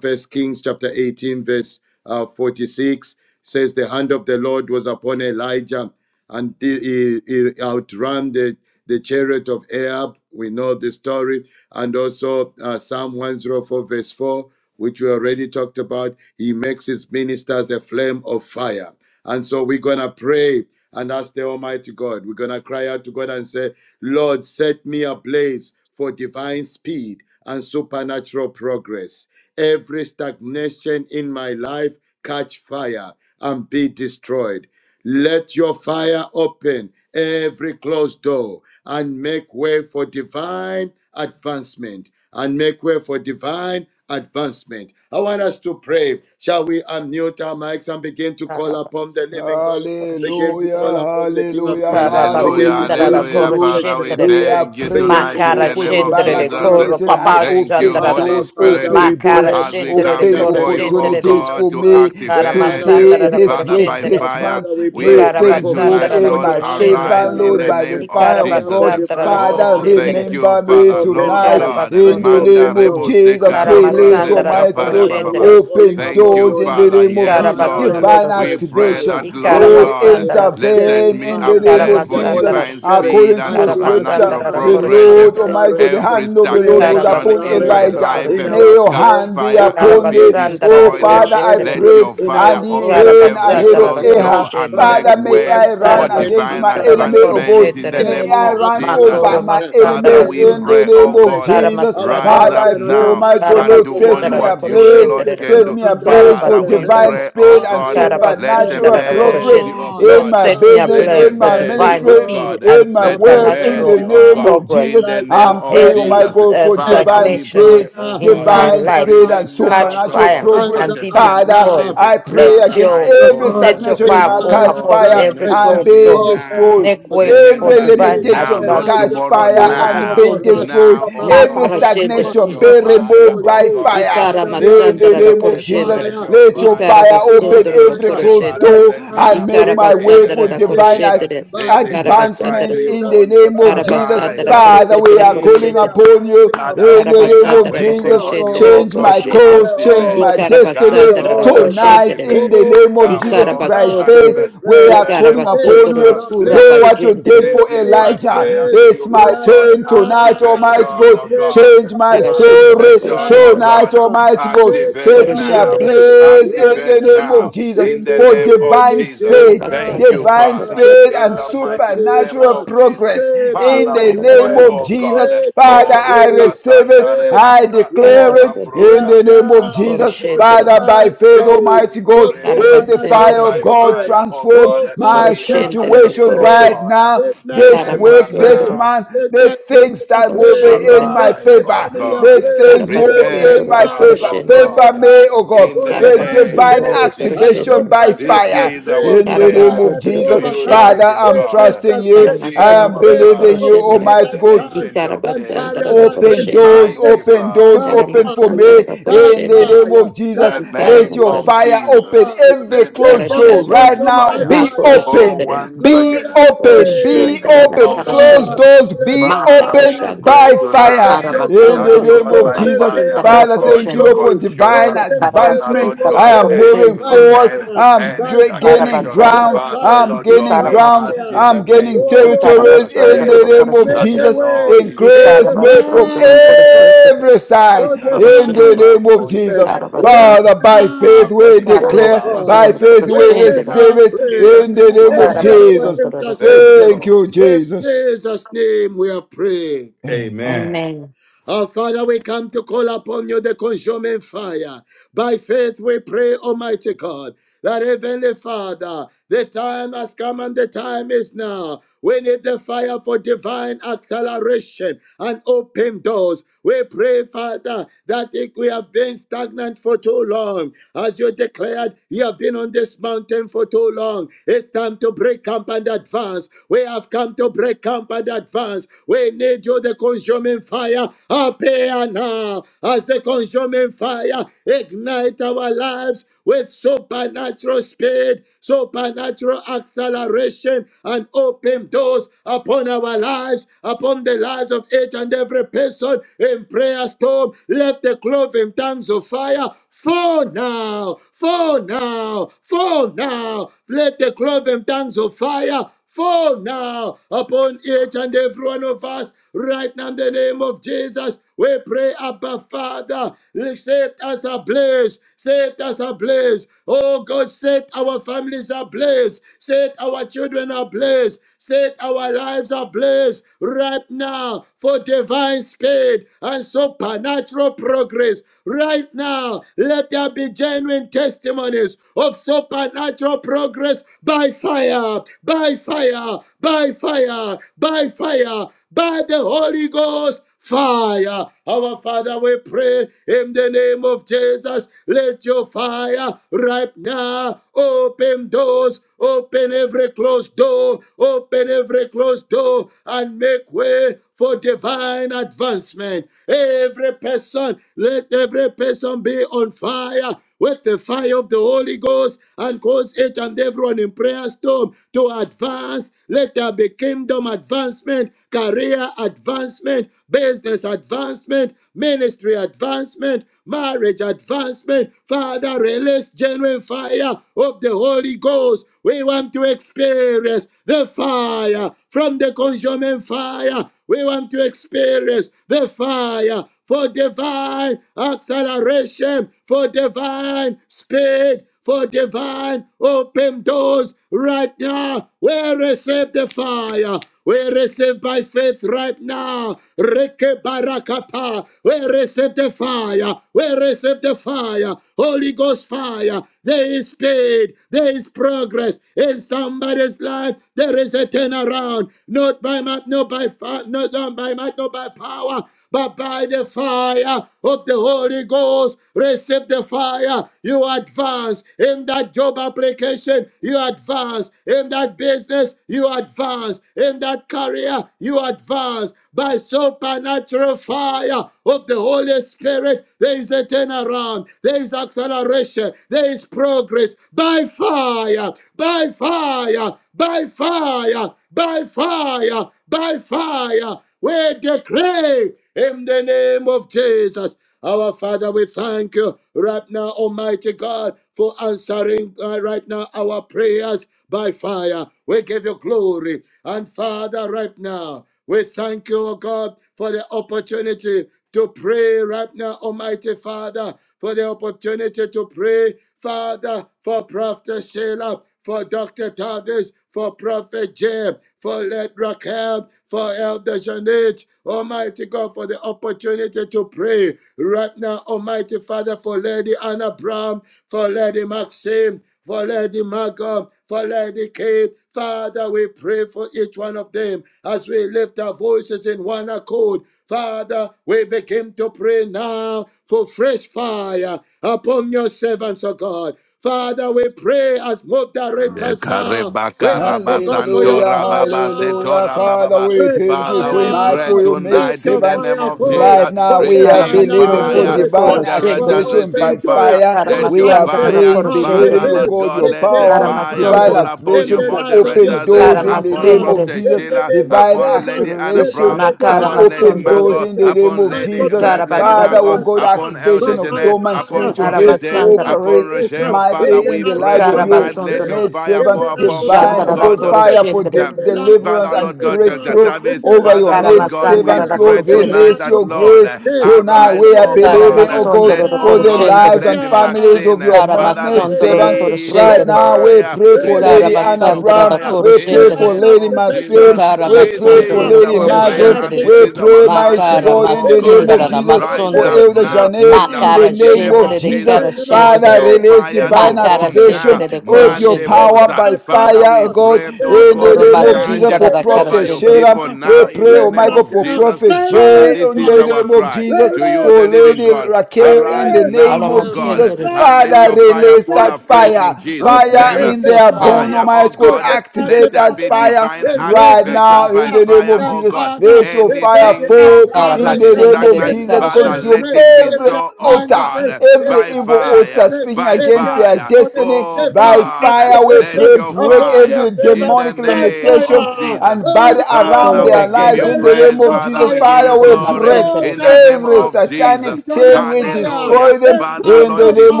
S5: First Kings chapter 18, verse uh, 46 says the hand of the Lord was upon Elijah and he, he outran the, the chariot of Ahab. We know the story. And also uh, Psalm 104, verse 4, which we already talked about. He makes his ministers a flame of fire. And so we're going to pray and ask the Almighty God. We're going to cry out to God and say, Lord, set me ablaze for divine speed and supernatural progress. Every stagnation in my life, catch fire and be destroyed. Let your fire open every closed door and make way for divine advancement and make way for divine advancement. I want us to pray. Shall we unmute our mics and begin to call upon the living
S6: Karabasundra
S5: God? Begin to
S3: Hallelujah,
S6: Koroshendra.
S5: call upon the King of
S3: hallelujah.
S5: Kings.
S3: Father,
S4: Hallelujah,
S5: Begin
S3: we
S5: to call
S6: Ikarabasundra
S3: thank you,
S5: upon
S4: hallelujah.
S5: the
S3: Lord.
S4: Father, we
S5: Ancient of
S6: Koroshendra.
S3: We are
S5: Days.
S4: thank you
S5: Begin
S3: praying,
S5: to
S4: tonight
S3: oh
S4: in
S5: call
S6: Makara
S3: God,
S4: the
S3: for
S4: name
S5: upon the
S4: of
S3: divine
S6: Shendra de
S5: Alpha
S4: Jesus.
S5: and the
S6: Koro
S3: acceleration and
S6: Papa
S5: Omega.
S4: Thank you,
S3: open
S6: Shandra.
S4: Holy
S5: Abba,
S3: doors,
S5: Father,
S4: Spirit,
S5: we
S3: open
S6: Makara
S3: doors,
S5: pray
S4: as we
S6: Shendra
S5: right
S6: de
S4: come
S3: open
S5: now in the
S4: before you,
S5: name
S4: oh
S5: of
S6: Koroshendra de
S3: opportunities
S5: Jesus
S4: God,
S3: for
S4: to
S5: Christ,
S3: me
S5: the Son of
S4: activate.
S5: the
S3: today,
S6: Karamasandra de
S5: living
S3: this
S4: Father,
S5: God.
S3: week,
S4: by
S5: The
S6: Koroshendra.
S3: this
S4: fire,
S3: month.
S5: Father, we
S4: we
S3: May
S5: pray
S4: pray
S3: things
S5: for
S3: move
S5: fire
S4: tonight,
S6: Ikarabasandra de
S5: for
S3: in
S4: Lord,
S3: my
S5: divine
S6: Koroshendra.
S3: favor,
S4: arise in
S3: Lord,
S4: the
S3: by the
S4: name
S5: acceleration,
S4: of
S3: fire of
S5: fire
S4: Jesus.
S5: for
S3: God.
S6: Ikarabasandra de
S5: divine
S3: Father,
S4: Oh,
S6: Koroshendra.
S4: thank
S5: acceleration,
S4: you,
S3: remember
S5: and
S3: me
S4: Father,
S5: open
S4: Lord
S3: tonight
S5: doors,
S4: God.
S5: and
S3: in the
S6: Ikarabasundra.
S4: Manda
S3: name
S5: open
S3: of
S4: rebo
S5: doors, and
S3: Jesus.
S4: seka lambra
S5: open
S3: Release,
S5: doors.
S6: Karamasandra de
S4: zeska
S3: Almighty
S4: para
S3: God,
S5: Father, we
S4: baba.
S5: are
S6: Koroshendra.
S5: calling
S3: Open
S4: Thank
S5: upon
S4: you,
S3: doors
S5: you
S3: in the
S4: Father.
S5: now.
S3: name of
S4: Yes,
S3: Jesus.
S5: Father,
S4: Lord.
S5: release
S3: Divine
S6: Ikarabasondorar.
S4: We
S5: fresh
S4: pray
S3: activation.
S5: fire,
S4: that, Lord
S3: Lord,
S5: real
S4: God,
S5: fire,
S6: Ikaramasandar.
S4: let set
S5: genuine
S3: intervene
S4: me
S3: in the
S4: ablaze
S5: fire
S3: name
S5: of
S3: of
S5: the
S4: for
S3: Jesus.
S5: Holy
S6: Ikaramasandar.
S4: divine
S5: Spirit,
S4: speed
S3: According to
S4: and
S5: and
S3: your
S5: give us
S3: scripture,
S4: supernatural
S6: Ikaramasandar
S3: the
S5: divine
S4: progress.
S3: Lord, oh
S6: koroshendere.
S3: my God, the
S5: acceleration
S4: Every
S3: hand of the Lord
S5: real
S3: was
S4: stagnation
S3: upon
S4: in my
S6: Ikarabasondorar
S5: acceleration
S4: life
S3: Elijah.
S5: in
S4: eh,
S3: May
S5: our
S6: koroshendere.
S3: your
S4: catch
S5: career,
S3: hand be
S5: in
S4: fire
S5: our
S4: and
S3: upon
S4: be
S3: me.
S5: business,
S3: Oh
S6: Ikarabasandar
S5: in
S4: destroyed. Eh,
S5: our
S3: Father, I
S6: koroshendere.
S4: Let
S5: ministry,
S3: pray
S4: your
S5: in
S4: fire
S3: and
S5: our
S3: he
S4: open
S5: calling,
S3: ran
S5: in
S4: every
S3: ahead
S5: our
S3: of
S6: Ikarabasandar
S4: closed
S5: gifting.
S4: door
S3: Ahab.
S4: and
S6: koroshendere.
S4: make
S5: Father,
S3: Father,
S5: give
S3: may
S4: way
S5: us
S3: I
S4: for
S3: run
S5: genuine
S3: against
S4: divine
S3: my
S6: Ikarabasitara
S3: enemy, oh
S5: acceleration,
S4: advancement in
S3: God.
S4: the
S6: koroshendere.
S3: May
S4: name
S5: genuine
S3: I
S4: of
S3: run
S4: Jesus. Eh,
S3: over my
S5: acceleration,
S4: Father,
S6: Makoromasandar.
S3: enemies
S4: we
S5: genuine
S3: in the
S4: pray,
S3: name
S4: oh
S3: name of
S4: God, eh,
S5: acceleration.
S3: Jesus.
S5: Our
S4: rise
S3: Father,
S5: God,
S6: Karamasandarada.
S5: you
S3: I
S4: up
S5: are not
S3: pray,
S5: a
S4: now
S3: Almighty
S5: man
S3: God,
S5: that you
S4: and
S3: Lord,
S4: do
S5: should
S3: set
S4: only
S3: me
S5: die,
S6: Karabasitarada
S4: what you, the
S3: ablaze,
S5: no,
S4: Lord,
S5: the
S6: Koroshetarada.
S5: Son
S4: can
S3: set
S5: of
S4: do.
S3: me
S5: Man that you
S3: ablaze
S5: should
S3: for
S4: Father, we
S5: repent.
S3: divine
S6: Ikarabasondarada.
S4: pray, oh
S3: speed
S5: Have
S3: and
S5: you
S4: God,
S5: not
S4: let
S5: said
S4: the
S3: supernatural
S5: it,
S6: Ikarabasindarada
S3: progress
S6: Koroshen.
S4: mercy of
S5: Lord?
S3: in
S6: Lord,
S3: my
S4: God,
S6: set me
S5: Have you
S3: business,
S4: let the
S5: not
S6: ablaze
S3: in
S6: for
S3: my
S5: said
S4: mercy
S5: it,
S6: divine
S4: of
S3: ministry,
S6: speed
S5: Lord?
S4: God,
S6: and
S3: in my
S4: let the
S5: Abba,
S3: work, in the
S6: supernatural
S4: mercy of
S3: name
S4: God,
S5: Father,
S3: of
S6: progress
S4: in
S3: Jesus.
S4: the name
S5: Righteous
S3: I'm
S4: of
S3: praying,
S6: every
S3: Almighty
S4: Jesus.
S5: Father,
S3: God,
S6: uh,
S3: for
S4: Father,
S3: divine
S4: we
S5: merciful
S6: stagnation
S4: pray,
S3: speed,
S4: oh
S5: Father,
S6: in
S4: God,
S6: my
S3: divine
S5: answer
S6: life
S3: speed
S5: us
S3: and
S4: remember us,
S6: catch
S5: now.
S4: oh
S3: supernatural
S6: fire
S4: God, at
S3: progress.
S4: such
S5: Answer
S6: and
S4: a
S6: be
S5: us
S4: time as
S3: Father,
S6: destroyed.
S5: now.
S4: this.
S3: I
S5: And
S6: Let
S3: pray
S5: grant
S4: Father,
S3: against
S6: your
S5: us,
S4: I
S5: O
S3: every
S4: call
S5: God,
S6: let your
S4: on
S3: stagnation
S4: to
S3: in
S6: fire
S3: my
S4: you,
S6: fall
S5: divine
S3: catch
S4: Lord,
S6: upon
S3: fire
S6: every
S5: celebration.
S3: and
S4: remember
S6: closed
S4: me
S3: be
S6: door.
S5: Open
S4: now.
S3: destroyed.
S6: Make
S5: doors.
S6: way for
S5: What
S3: Every
S5: you
S4: Remember me
S5: did
S6: divine
S5: for
S4: now,
S3: limitation
S4: not
S6: advancement.
S3: catch
S5: Elijah,
S4: tomorrow,
S3: fire
S5: do
S3: and
S5: also
S4: now.
S3: be
S5: for us.
S3: destroyed.
S4: Now,
S5: Not by
S4: oh
S5: might,
S3: Every
S5: not
S4: God,
S5: by power,
S4: let
S3: stagnation
S4: your
S3: be
S5: but by the
S4: fire,
S3: removed
S5: Holy
S4: oh
S3: by
S5: Ghost.
S4: God,
S3: fire.
S6: Ikara
S5: Father,
S4: be
S5: make
S3: In
S5: us a
S3: the
S6: masandara da
S3: name
S5: flame
S3: of
S4: activated.
S5: of
S3: Jesus,
S6: koroshendere.
S4: Let
S5: fire.
S4: your
S3: let your
S5: Make us
S4: fire,
S5: a
S6: Ikara
S3: fire
S4: oh
S5: flame
S3: open
S5: of
S4: God,
S6: basondoro da
S3: every
S5: fire
S4: and
S3: closed
S4: Father,
S6: koroshendere.
S5: right
S4: set
S3: door
S4: me
S5: now
S3: and make
S4: apart
S6: Ikara
S5: in
S3: my
S5: the
S4: in
S3: way
S4: the
S5: name
S3: for
S6: basadara
S5: of
S6: da
S4: name of
S3: divine
S5: Jesus,
S4: Jesus.
S6: koroshendere.
S5: by
S4: This
S5: the
S4: is
S6: Ikara
S4: my
S5: blood of
S4: cry
S6: basadara.
S4: to
S3: advancement
S4: you,
S3: in
S5: Jesus.
S4: oh
S3: the
S4: Lord,
S3: name
S5: With
S6: Ikara
S3: of
S5: the help
S3: Jesus.
S5: of
S4: arise.
S5: the
S6: basadara
S5: Holy
S3: Father, we
S6: koroshendere
S3: are
S5: Spirit,
S3: calling
S5: we
S4: Mm.
S6: koroshendere.
S5: are
S3: upon you
S5: calling
S4: Father,
S3: in
S6: Ikara
S3: the
S5: upon
S4: we
S3: name
S4: are
S5: you,
S3: of
S6: basadara da
S4: waiting
S3: Jesus.
S4: on you,
S6: koroshendere
S4: oh
S3: Change my
S4: God,
S5: Jehovah,
S4: to
S6: koroshendere.
S3: course, change
S4: activate.
S3: my
S6: Ikara
S5: Jehovah,
S4: Come,
S3: destiny
S6: basadara da
S4: Lord, and
S5: Jehovah.
S3: tonight
S6: koroshendere.
S3: in the
S4: activate.
S5: Oh
S3: name of name of
S4: Come,
S5: God,
S3: Jesus,
S6: Ikara
S4: Lord,
S3: by
S4: and
S5: Father, we
S6: basodoro.
S4: activate
S3: faith, we
S4: in
S5: pray.
S3: are
S4: the
S6: Ikara
S4: name
S3: calling
S4: of
S5: Set
S3: upon
S5: us
S6: basodoro
S3: you.
S4: Jesus.
S6: kura
S3: Do
S5: ablaze.
S3: what you
S6: bagendere.
S3: did for
S5: Set
S4: This is
S5: me
S4: my
S3: Elijah.
S4: prayer
S5: ablaze
S4: to
S3: It's
S4: you,
S3: my
S4: oh
S5: right
S4: God.
S3: turn tonight,
S6: Ikara
S4: Activation,
S5: now.
S3: Almighty God.
S4: oh
S5: Set me
S4: God.
S3: Change my
S5: ablaze
S6: shandara
S3: story
S4: Activation,
S5: right
S4: oh
S6: koroshendere
S3: tonight,
S4: God.
S5: now.
S3: Almighty God.
S5: Set me
S3: Set
S4: Activate
S3: me
S4: now.
S6: koroshendere.
S5: ablaze
S3: ablaze in
S5: right
S3: the
S4: Activate
S3: name
S5: now.
S3: of
S4: now.
S3: Jesus
S4: In
S5: In
S4: the
S5: the
S3: for
S4: name of
S5: name
S3: divine
S5: of
S4: Jesus.
S6: Ikara
S3: speed,
S5: Jesus,
S4: Thank you,
S3: divine
S5: by
S4: Father.
S6: basadara
S5: the
S3: speed
S4: In
S3: and
S4: the
S5: blood of
S4: mighty name
S3: supernatural
S5: Jesus.
S4: of Jesus.
S3: progress
S5: Save me
S3: in
S4: Father,
S3: the
S4: we
S3: name
S4: pray,
S5: ablaze.
S3: of
S6: Yarabasada,
S4: oh
S3: Jesus.
S4: God.
S5: Save me
S3: Father,
S4: Oh,
S3: I
S4: Reka
S5: ablaze.
S3: receive it.
S4: Sanda
S5: Save
S4: Reba
S5: me
S3: I
S4: Boba. Oh,
S3: declare
S5: ablaze.
S3: it
S4: Lambro
S6: Yarabasindere,
S3: in
S5: Right
S3: the
S4: Kase
S3: name of
S5: now,
S3: Jesus.
S4: Kalambro
S5: for
S4: Kohe
S6: Poroshendere,
S3: Father,
S4: Kereba.
S3: by
S5: divine
S3: faith,
S4: Father,
S5: speed,
S3: Almighty
S4: we
S3: God,
S5: for
S4: pray
S3: let the
S4: that
S5: supernatural
S3: fire
S6: Yarabasindere,
S3: of
S4: by
S3: God
S5: progress.
S4: fire, oh
S3: transform
S4: God,
S5: Oh God,
S3: my
S4: we
S5: save
S4: are
S5: me
S6: Poroshendere,
S4: asking,
S3: situation doing
S4: oh
S5: ablaze.
S6: Poroshen,
S3: right
S4: God.
S3: now,
S5: Save my
S3: this
S5: wife
S4: Remember
S3: week, this
S5: ablaze.
S6: Karamasundere,
S4: now.
S3: month.
S5: Save my
S3: Let things
S5: children
S3: start moving
S5: ablaze.
S3: in
S6: Poroshendere,
S3: my
S5: Save
S4: Arise,
S5: my
S4: O
S3: favor.
S5: family
S3: Let
S4: God.
S5: ablaze.
S3: things move
S5: For
S3: in
S4: Remember
S3: my
S6: Yarabasundere,
S5: divine,
S4: us,
S3: favor.
S4: O
S5: for
S6: Poroshendere,
S3: Favor
S4: God.
S3: me, oh
S5: divine,
S4: In
S3: God,
S5: for
S4: the
S3: with
S5: divine
S4: name
S3: divine
S4: of
S5: speed
S6: Karabasundere,
S5: and
S4: Jesus.
S3: activation
S6: Poroshendere,
S3: by
S4: This
S5: supernatural
S3: fire.
S4: is our
S5: speed.
S3: In the name
S4: prayer
S3: of
S5: Father, to
S6: Karabasundere,
S4: to
S3: Jesus,
S4: you, the
S5: overcome
S3: Father,
S6: Poroshendere,
S4: living
S3: I'm
S5: every
S4: God.
S3: trusting you.
S4: This
S5: stagnation,
S3: I
S4: is
S3: am
S4: our
S6: Karamasundere,
S5: Every
S3: believing
S4: cry
S3: you,
S4: to
S6: Poroshendere,
S5: obstacle
S4: you,
S3: Almighty
S5: that
S4: the
S3: God.
S5: stands,
S4: ancient of
S5: then
S4: days.
S5: barriers
S6: Ikarabasandere,
S5: that
S3: Open
S5: bring
S6: Poroshendere,
S3: doors,
S4: Mighty
S5: stagnation,
S3: open doors,
S4: Father.
S5: catch
S3: open for me
S5: fire,
S6: Karamasandere,
S5: catch
S3: in the
S6: Poroshendere,
S3: name
S5: fire,
S3: of Jesus.
S4: the
S5: catch
S3: Let
S4: name
S3: your
S5: fire,
S4: of
S6: Ikaramasandere,
S3: fire
S5: catch
S4: Jesus.
S3: open
S5: fire.
S3: every
S4: Let
S5: Let
S4: the
S3: closed
S5: them be
S3: door
S6: Karashandra,
S3: right
S4: consuming
S5: consumed
S3: now.
S5: by
S4: fire
S3: Be
S5: fire.
S4: fall
S3: open,
S6: Makorashandra,
S4: once
S5: Lord,
S3: be
S5: I
S4: again in
S3: open,
S5: pray,
S3: be
S4: the name
S6: Korashandra,
S5: oh
S3: open.
S4: of
S3: Closed
S5: God,
S6: Karashandra,
S4: Jesus.
S3: doors
S5: let
S3: be
S5: the
S4: Father, we
S3: open
S5: fire,
S6: Makarashandra,
S4: pray
S3: by
S5: oh God,
S4: tonight
S5: let
S3: fire
S5: your
S3: in
S4: that
S3: the
S5: fire
S6: Karabasundra,
S3: name
S4: Lord
S3: of
S4: by
S5: open
S3: Jesus.
S4: fire,
S6: Korabasindra,
S5: every
S4: oh
S3: Father,
S4: God,
S5: closed
S3: thank you,
S4: you
S6: Korashandra,
S3: Lord, for
S5: door,
S4: consume.
S3: divine
S5: open
S4: Father,
S5: every
S3: advancement.
S4: Lord
S6: Karabasindra,
S5: closed
S3: I
S4: God,
S3: am
S5: door
S4: any
S3: moving
S5: by
S6: Korashandra,
S3: forward.
S4: blockade,
S5: fire,
S3: I'm
S4: any
S5: by fire,
S3: gaining
S4: stagnation,
S5: by
S3: ground.
S6: Carabasandra,
S4: Father,
S5: fire,
S3: I'm
S4: Lord God,
S3: gaining
S5: by
S4: we
S3: ground.
S4: ask
S5: fire.
S4: in
S6: Icaramasandra,
S3: I'm
S4: the
S3: gaining
S4: name
S5: Oh
S4: of
S5: Lord, we
S3: territories
S4: Jesus,
S3: in
S6: Icarabasandra,
S5: pray,
S4: yes,
S6: the
S3: the
S4: that
S3: name of
S5: make
S6: Karabasandra,
S5: a
S4: the
S3: Jesus.
S4: Lord
S5: way
S4: is
S5: for
S3: Increase
S4: able
S3: me
S4: to
S3: from
S4: do
S5: divine
S6: Ikaramasandra, Ikarabasandra,
S4: ex-
S6: Koroshendra,
S5: advancement,
S3: every side
S5: for
S4: abundantly
S3: in
S6: Ikarabasandra, Koroshendra,
S3: the
S5: divine
S6: Koroshendra,
S4: above
S3: name of
S4: all you can
S5: advancement
S3: Jesus.
S4: think for
S5: right
S4: us
S6: Karabasandra,
S3: Father, by faith
S5: now,
S3: we
S4: according to the
S5: oh
S3: declare,
S4: power that
S3: by
S5: God.
S6: Ikaramasandra,
S4: is at
S3: faith
S4: work
S3: we
S5: This is
S4: within
S6: Koroshendra,
S3: receive
S5: our
S4: us
S3: it
S4: in
S5: prayer.
S4: the
S3: in the
S4: name
S3: name
S4: of
S3: of
S5: This is
S4: Jesus.
S5: our
S3: Jesus.
S6: the
S4: Thank you,
S6: Koroshendra.
S5: intercession.
S3: Thank
S4: Lord.
S3: you,
S5: In
S3: Jesus.
S5: Jesus' name we are praying.
S3: Amen.
S4: Amen.
S6: Amen.
S5: Our Father, we come to call upon you the consuming fire. By faith we pray, Almighty God that Heavenly Father, the time has come and the time is now. We need the fire for divine acceleration and open doors. We pray, Father, that if we have been stagnant for too long, as you declared, you have been on this mountain for too long. It's time to break camp and advance. We have come to break camp and advance. We need you, the consuming fire. Appear now as the consuming fire. Ignite our lives with supernatural supernatural speed, supernatural acceleration, and open doors upon our lives, upon the lives of each and every person in prayer storm. Let the cloven tongues of fire fall now, fall now, fall now. Let the cloven tongues of fire fall now upon each and every one of us right now in the name of Jesus. We pray, Abba Father, set us ablaze, set us ablaze. Oh God, set our families ablaze, set our children ablaze, set our lives ablaze right now for divine speed and supernatural progress. Right now, let there be genuine testimonies of supernatural let your progress by fire, by fire, by fire, by fire, by the Holy Ghost. Fire, our Father, we pray in the name of Jesus. Let your fire right now open doors, open every closed door, open every closed door, and make way for divine advancement. Every person, let every person be on fire now with the fire of the Holy Ghost and cause each and everyone in prayer storm to advance. Let there be kingdom advancement, career advancement, business advancement, ministry advancement, marriage advancement. Father, release genuine fire of the Holy Ghost. We want to experience the fire from the consuming fire. We want to experience the fire for divine divine acceleration, for divine speed, for divine open doors right now. We receive the fire. We receive by faith right now. Reke barakata. We receive the fire. We receive the fire. Holy Ghost fire. There is speed. There is progress in somebody's life. There is a turnaround. Not by might, not by fire, not by might, might, not by power, but by the fire of the Holy Ghost. Receive the fire. You advance in that job application. You advance in that business. You advance in that career. You advance by supernatural fire of the Holy Spirit. There is a turnaround. There is acceleration. There is progress by fire, by fire, by fire, by fire, by fire. We decree in the name of Jesus. Our Father, we thank you right now, Almighty God, for answering uh, right now our prayers by fire. We give you glory. And Father, right now, we thank you, O God, for the opportunity to pray right now, Almighty Father, for the opportunity to pray, Father, for Prophet Sheila, for Dr. Tavis, for Prophet Jeb, for Led Raquel, for Elder Janet, Almighty God, for the opportunity to pray right now, Almighty Father, for Lady Anna Brown, for Lady Maxim, for Lady Magum, for Lady Kate. Father, we pray for each one of them as we lift our voices in one accord. Father, we begin to pray now for fresh fire upon your servants, O God. Father, we pray as moderators now. We ask, O God, for your
S3: Hallelujah, hallelujah.
S5: fire,
S3: Father,
S4: Karebakarabasantorababa.
S3: we
S5: fresh
S3: thank you
S4: Father, we
S3: tonight
S4: pray
S5: fire.
S3: for your maid
S5: Let
S4: tonight in
S5: your
S4: the
S3: servants.
S4: name
S5: fire
S4: of
S5: fall
S3: Right
S4: Jesus.
S3: now,
S5: for
S3: we are
S4: Receive
S5: divine
S3: believing for
S6: Caramasandra,
S4: fire.
S6: the
S3: divine
S5: acceleration, for
S6: Karamasandra,
S4: Moderators,
S3: activation
S4: receive
S5: open
S3: by
S5: doors,
S4: fire.
S3: fire.
S5: for
S4: Let
S3: We
S4: your
S3: are
S6: Koroshendra,
S5: success,
S6: Karamasandra,
S4: fire,
S3: praying, believing
S6: Koroshendra,
S4: Father,
S3: you,
S4: Lord
S5: Activate
S3: God,
S4: God,
S3: your
S5: the
S4: let the
S5: gifts and
S3: power,
S4: fire
S3: divine
S5: talents
S4: fall
S6: Karamasandra,
S4: upon
S5: in
S4: your
S3: activation
S5: the
S3: for
S5: lives of your
S3: open
S4: moderators, eh,
S3: doors
S5: servants
S3: in the
S4: upon
S3: name
S5: now.
S6: Karamasendra,
S3: of
S4: Prophet
S3: Jesus,
S5: In the
S4: Sheila,
S5: name of
S3: divine
S4: upon
S5: Jesus,
S4: Lady Anna
S5: let there
S3: acceleration
S4: Brown,
S5: be
S3: and
S5: divine
S4: upon Lady
S3: open
S6: Nakaramasundra,
S3: doors
S4: Margot,
S3: in the
S5: activation.
S3: name
S4: upon
S3: of
S5: I
S4: Lady,
S5: could
S3: Jesus.
S5: not
S4: eh,
S5: by
S4: Lady
S5: might,
S3: Father,
S5: not
S3: oh
S6: Vikarabasandra,
S4: Margot,
S5: by
S3: God,
S5: power,
S4: upon Elder
S3: activation
S5: but
S3: of
S5: by
S4: Jeanette,
S3: dormant
S4: upon
S5: fire.
S3: spiritual
S4: Prophet
S3: gifts to
S4: Jay,
S5: Divine
S6: Karamasandra,
S4: upon
S3: operate
S5: activation
S4: Rochelle.
S5: in
S4: Father,
S3: mightily
S5: the
S4: we
S3: in the
S5: life
S4: pray
S5: of
S3: lives of
S5: Prophet
S4: tonight,
S3: you
S4: let
S6: Vikarabasundra,
S4: your
S5: Sarah,
S3: made
S4: fire
S5: in
S4: fall
S3: servants
S5: the life of
S4: upon, the- oh
S3: divine, oh
S6: Jandara
S5: Dr.
S6: da
S4: God,
S3: God,
S4: Dr.
S5: David,
S3: fire for
S6: Koroshendra,
S5: in
S4: That
S3: de-
S5: the life of
S3: deliverance
S4: Father, Lord
S3: and
S5: Prophet
S4: God, Dr.
S5: John,
S3: breakthrough
S5: in
S4: Tavis,
S5: the
S3: over
S5: life
S3: your
S4: Father,
S5: of
S4: Lord
S3: maid
S5: Prophet
S4: God, we
S6: Karamasandra
S3: servants,
S5: Kirk,
S4: pray
S3: Lord.
S5: in the
S6: da
S4: tonight
S5: life
S3: Release
S4: that,
S5: of
S3: your
S4: Lord,
S5: Prophet
S3: grace
S4: uh,
S5: James.
S3: tonight.
S4: arise,
S3: We
S5: Father,
S3: are
S4: oh
S5: release
S3: believing,
S4: God, uh,
S3: oh
S5: divine
S3: God,
S6: Paramasondoro
S4: let, oh
S3: for the
S5: fire.
S4: God, uh,
S3: lives
S6: Koroshendere,
S4: let
S3: and families
S5: No!
S4: Maxine,
S3: of
S4: uh,
S3: your
S5: Right
S3: mo-
S4: Father,
S3: maid
S6: Paramasondoro
S3: servants.
S5: release,
S4: receive your
S3: Right
S6: Koroshendere,
S3: now, we
S5: release,
S4: fire,
S3: pray for
S5: release,
S3: Lady
S4: receive
S3: Anna
S5: Abba
S4: your
S6: Icarabasandra
S3: Brown.
S4: fire
S5: Father.
S3: We
S4: in
S3: pray
S4: the
S3: for
S6: Koroshendere,
S5: Divine
S4: name
S3: Lady
S4: of
S5: activation
S3: Maxine.
S4: Jesus.
S5: by
S3: We
S4: This
S3: pray for
S5: fire.
S4: is
S6: Ikaramasondoro
S3: Lady
S4: our
S5: Divine
S4: prayer
S3: Margot.
S4: and
S6: Koroshendere,
S4: this
S3: We
S4: is
S5: activation
S4: our
S3: pray,
S5: by
S4: cry
S3: mighty
S4: to
S6: Makara
S5: fire
S4: you,
S3: God, in
S4: oh
S3: the
S5: in
S3: name
S5: the
S4: God.
S3: of
S6: Masindara
S5: life
S3: Jesus,
S5: of
S4: Rise
S3: for
S5: Lady
S4: up
S6: Masondoro,
S3: Elder
S5: Anna
S4: now
S3: Janet,
S4: in the
S3: in
S5: Brown,
S3: the
S6: Makara
S4: mighty
S5: in
S3: name
S4: name
S5: the
S3: of
S5: life
S6: Shendere
S4: of
S6: de
S5: of
S3: Jesus.
S4: Jesus.
S6: Kara
S5: Lady
S4: Cause
S3: Father,
S6: Shendere,
S4: your
S5: Maxine,
S3: release
S5: in
S4: fire
S5: the
S4: to
S3: divine
S5: life
S3: activity
S5: of
S6: Makara
S4: form
S5: Lady
S3: activation
S4: now.
S6: Shendere de
S3: of
S5: Margot,
S3: your
S6: Koroshend,
S5: in the
S3: power
S4: Mandebosa.
S3: by
S5: life right
S4: Father,
S3: fire, oh
S4: we
S5: now of
S3: God,
S4: pray, oh
S3: in
S5: Elder
S3: the
S4: God, the
S3: name of
S5: Janet,
S4: charge
S3: Jesus
S6: Oromasindara
S3: for
S6: da
S5: in the
S4: over
S3: Prophet
S4: your
S5: life right
S6: Karashendere,
S3: Sheila.
S4: people
S5: now
S3: We
S4: now
S5: of
S4: in
S3: pray,
S4: the
S3: oh
S5: Lady
S3: my
S4: name
S3: God,
S4: of
S3: for
S5: Raquel.
S4: Jesus.
S3: Prophet
S4: Father,
S3: Jay,
S5: Release
S4: this
S3: in
S4: is
S3: the
S4: our
S3: name
S5: fire,
S3: of
S4: cry
S3: Jesus,
S4: to you,
S3: for
S5: release
S4: the living
S3: Lady
S5: fire,
S4: God.
S3: Raquel, in the
S4: Arise
S5: release
S4: now,
S3: name
S4: oh
S3: of
S5: fire
S3: Jesus.
S4: God,
S6: Karamashendere,
S5: right
S4: and let
S5: now,
S3: Father,
S4: your fire
S3: release
S4: fall
S5: right
S3: that
S5: now.
S4: afresh
S3: fire,
S4: in Jesus'
S3: fire
S4: name
S5: Activate
S3: in
S6: release
S5: the
S6: your
S3: their
S6: fire,
S3: bone, oh
S4: fire,
S5: fire,
S3: my
S4: oh
S3: God,
S4: God.
S5: multiply
S4: Let
S5: the
S3: activate
S4: there
S3: that
S4: be
S5: fire,
S3: fire
S4: divine
S5: increase
S3: right
S5: the
S3: now,
S4: activation
S3: in
S4: by
S5: fire.
S3: the name
S4: fire,
S3: of
S5: That
S4: oh
S3: Jesus.
S4: God.
S5: Father,
S3: Let your
S5: let there
S3: fire
S5: be
S4: Anything, oh
S3: fall,
S4: God,
S3: in
S4: that
S3: the
S4: is
S5: acceleration
S3: name
S6: Karamasendere
S3: of
S4: stagnant,
S6: de
S5: in
S3: Jesus,
S5: their
S4: Father,
S6: Karashendere,
S3: consume
S4: let
S5: ministry,
S4: it be
S5: in
S3: every
S5: their
S4: so, oh
S3: altar,
S5: finances,
S4: God,
S5: in
S3: every
S4: by
S5: their
S3: evil altar
S4: fire,
S5: businesses,
S3: speaking
S4: by
S5: in
S3: against
S5: their
S3: their
S4: fire.
S5: calling.
S3: destiny
S4: Oh
S3: by
S5: Divine
S4: God,
S3: fire. We
S4: let
S5: activation
S3: pray,
S4: your
S3: break
S5: upon your
S3: every
S4: fire in
S5: servants
S4: the
S3: demonic
S5: by
S4: name
S3: limitation
S4: of
S5: fire.
S4: Jesus.
S3: and body
S5: Holy
S3: around
S6: Follow
S4: Father,
S6: my
S5: Ghost,
S3: their
S4: we give
S3: lives
S4: you
S6: sender.
S3: in the
S5: release
S3: name
S4: praise.
S3: of
S5: your
S4: Father,
S3: Jesus.
S4: we give
S5: fire.
S3: Father,
S4: you
S6: Ora
S3: we
S4: glory
S3: break
S6: masente
S5: Oh
S6: re.
S4: in the
S5: my
S4: name
S3: every
S5: God,
S4: of
S5: the
S3: satanic
S4: Jesus.
S5: consuming
S3: chain. We
S5: fire.
S4: Hallelujah.
S3: destroy them
S4: Father,
S5: Impart
S3: in the
S4: Lord,
S5: your
S3: name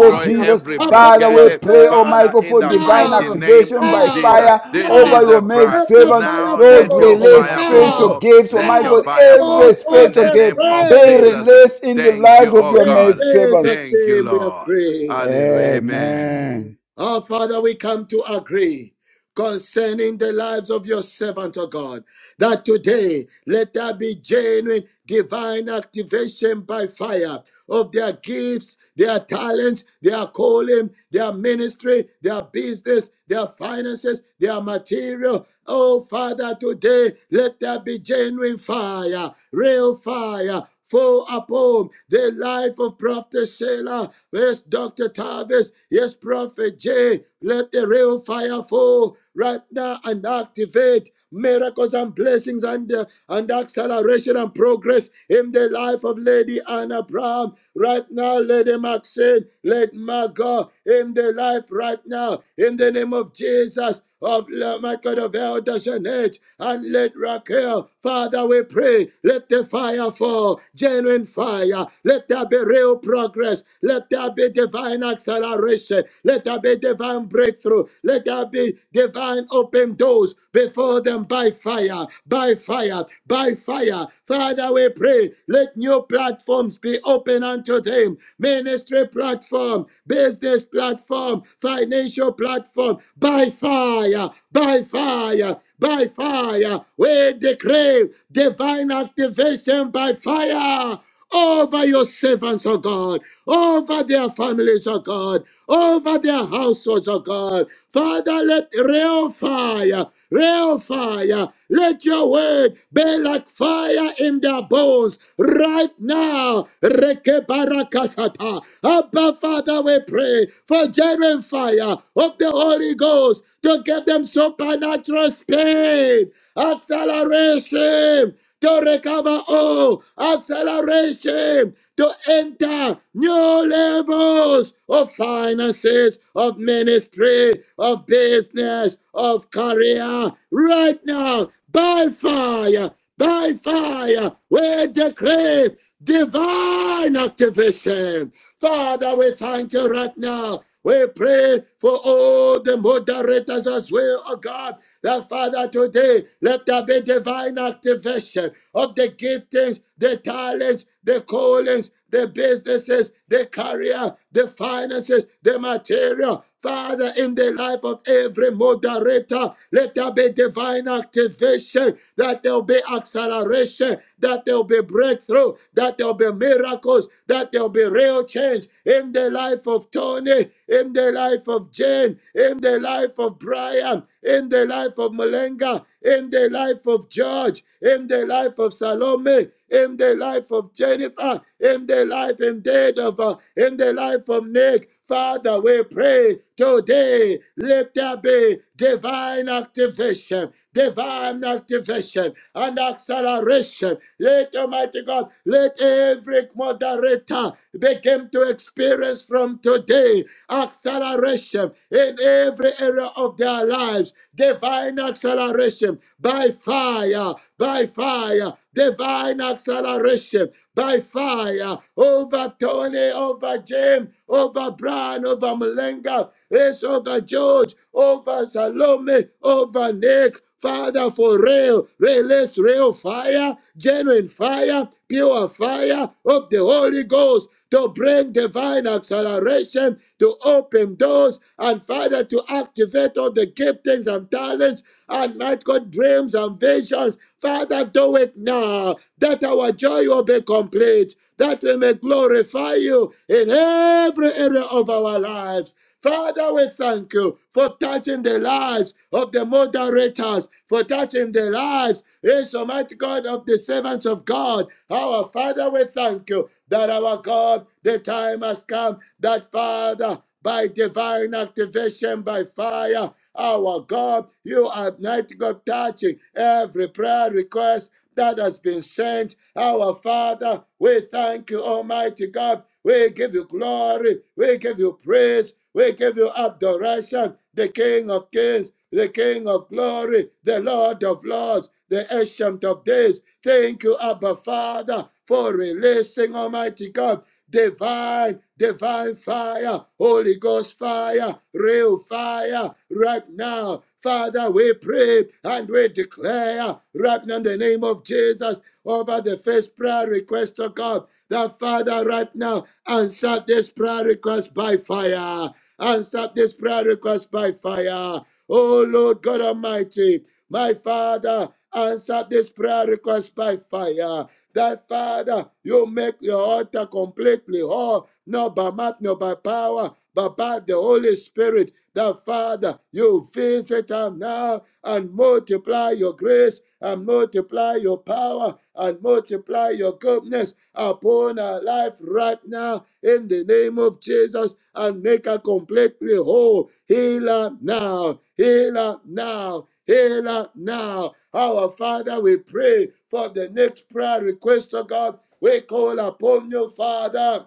S3: of Jesus.
S4: every
S5: upon
S3: Father, we
S5: your
S4: blockade.
S3: pray, oh my
S5: servants
S4: Father,
S3: God,
S4: in
S3: for
S4: the
S3: divine
S4: mighty
S5: now,
S4: name
S3: activation
S4: of
S3: by
S5: now,
S4: Jesus,
S3: fire
S4: this
S3: over
S4: is
S5: now.
S3: your
S4: a
S3: maid
S4: prayer.
S5: Let the
S3: servant.
S5: fire
S4: Now
S3: Lord,
S4: let
S5: fall
S4: your
S6: Ere
S3: release
S4: fire
S6: masente.
S3: spiritual
S5: now,
S4: fall.
S3: gifts, oh
S4: Let
S3: my
S4: your
S5: now.
S3: God,
S4: fire
S3: every
S4: fall
S5: Oh God,
S4: in
S3: spiritual
S4: the
S5: we
S3: gift
S4: name of
S3: be
S5: pray.
S4: Jesus.
S3: released in the
S4: Thank
S3: lives
S4: you,
S3: of
S4: oh
S3: your
S5: In
S3: maid
S4: God.
S3: servants.
S5: Jesus'
S4: Thank you,
S5: name we are
S4: Lord.
S5: prayed.
S4: Hallelujah. Amen.
S3: Amen.
S5: Our Father, we come to agree concerning the lives of your servant, O God, that today let there be genuine divine activation by fire of their gifts, their talents, their calling, their ministry, their business, their finances, their material. Oh, Father, today let there be genuine fire, real fire, fall upon the life of Prophet Sheila, yes, Dr. Tavis, yes, Prophet J today. Let the real fire fall right now and activate miracles and blessings and, uh, and acceleration and progress in the life of Lady Anna Brown. Right now, Lady Maxine, let my God in the life right now, in the name of Jesus, of my God of Elder Jeanette, and let Raquel, Father, we pray, let the fire fall, genuine fire, let there be real progress, let there be divine acceleration acceleration. Let there be divine breakthrough. Let there be divine open doors before them by fire, by fire, by fire. Father, we pray. Let new platforms be open unto them. Ministry platform, business platform, financial platform, by fire, by fire, by fire. We decree divine activation by fire over your servants, oh God, over their families, oh God, over their households, oh God. Father, let real fire, real fire, let your word be like fire in their bones right now. Rekebarakasata. Abba, Father, we pray for genuine fire of the Holy Ghost to give them supernatural speed, acceleration, to recover all, acceleration to enter new levels of finances, of ministry, of business, of career right now by fire, by fire. We decree divine activation. Father, we thank you right now. We pray for all the moderators as well, oh God, that Father, today, let there be divine activation of the giftings, the talents, the callings, the businesses, the career, the finances, the material. Father, in the life of every moderator, let there be divine activation that there'll be acceleration, that there'll be breakthrough, that there'll be miracles, that there'll be real change in the life of Tony, in the life of Jane, in the life of Brian, in the life of Malenga, in the life of George, in the life of Salome, in the life of Jennifer, in the life indeed of uh, in the life of Nick. Father, we pray today, let there be divine activation, divine activation and acceleration. Let Almighty God, let every moderator begin to experience from today acceleration in every area of their lives, divine acceleration by fire, by fire, divine acceleration by fire over Tony, over Jim, over Brian, over Malenga, yes, over George, over Salome, over Nick, Father, for real, realest, real fire, genuine fire, pure fire of the Holy Ghost to bring divine acceleration, to open doors, and Father, to activate all the giftings and talents and might God dreams and visions. Father, do it now that our joy will be complete, that we may glorify you in every area of our lives. Father, we thank you for touching the lives of the moderators, for touching the lives, yes, Almighty God, of the servants of God. Our Father, we thank you that our God, the time has come that Father, by divine activation, by fire, our God, you are mighty God touching every prayer request that has been sent. Our Father, we thank you, Almighty God. We give you glory. We give you praise. We give you adoration. The King of Kings, the King of Glory, the Lord of Lords, the Ancient of Days. Thank you, Abba Father, for releasing, Almighty God divine, divine fire, Holy Ghost fire, real fire right now. Father, we pray and we declare right now in the name of Jesus over the first prayer request of God. That Father, right now, answer this prayer request by fire. Answer this prayer request by fire. Oh Lord God Almighty, my Father, answer this prayer request by fire that Father, you make your altar completely whole, not by might, not by power, but by the Holy Spirit. That Father, you visit us now and multiply your grace and multiply your power and multiply your goodness upon our life right now in the name of Jesus and make her completely whole. Heal her now. Heal her now. Heal us now. Our Father, we pray for the next prayer request, oh God. We call upon you, Father.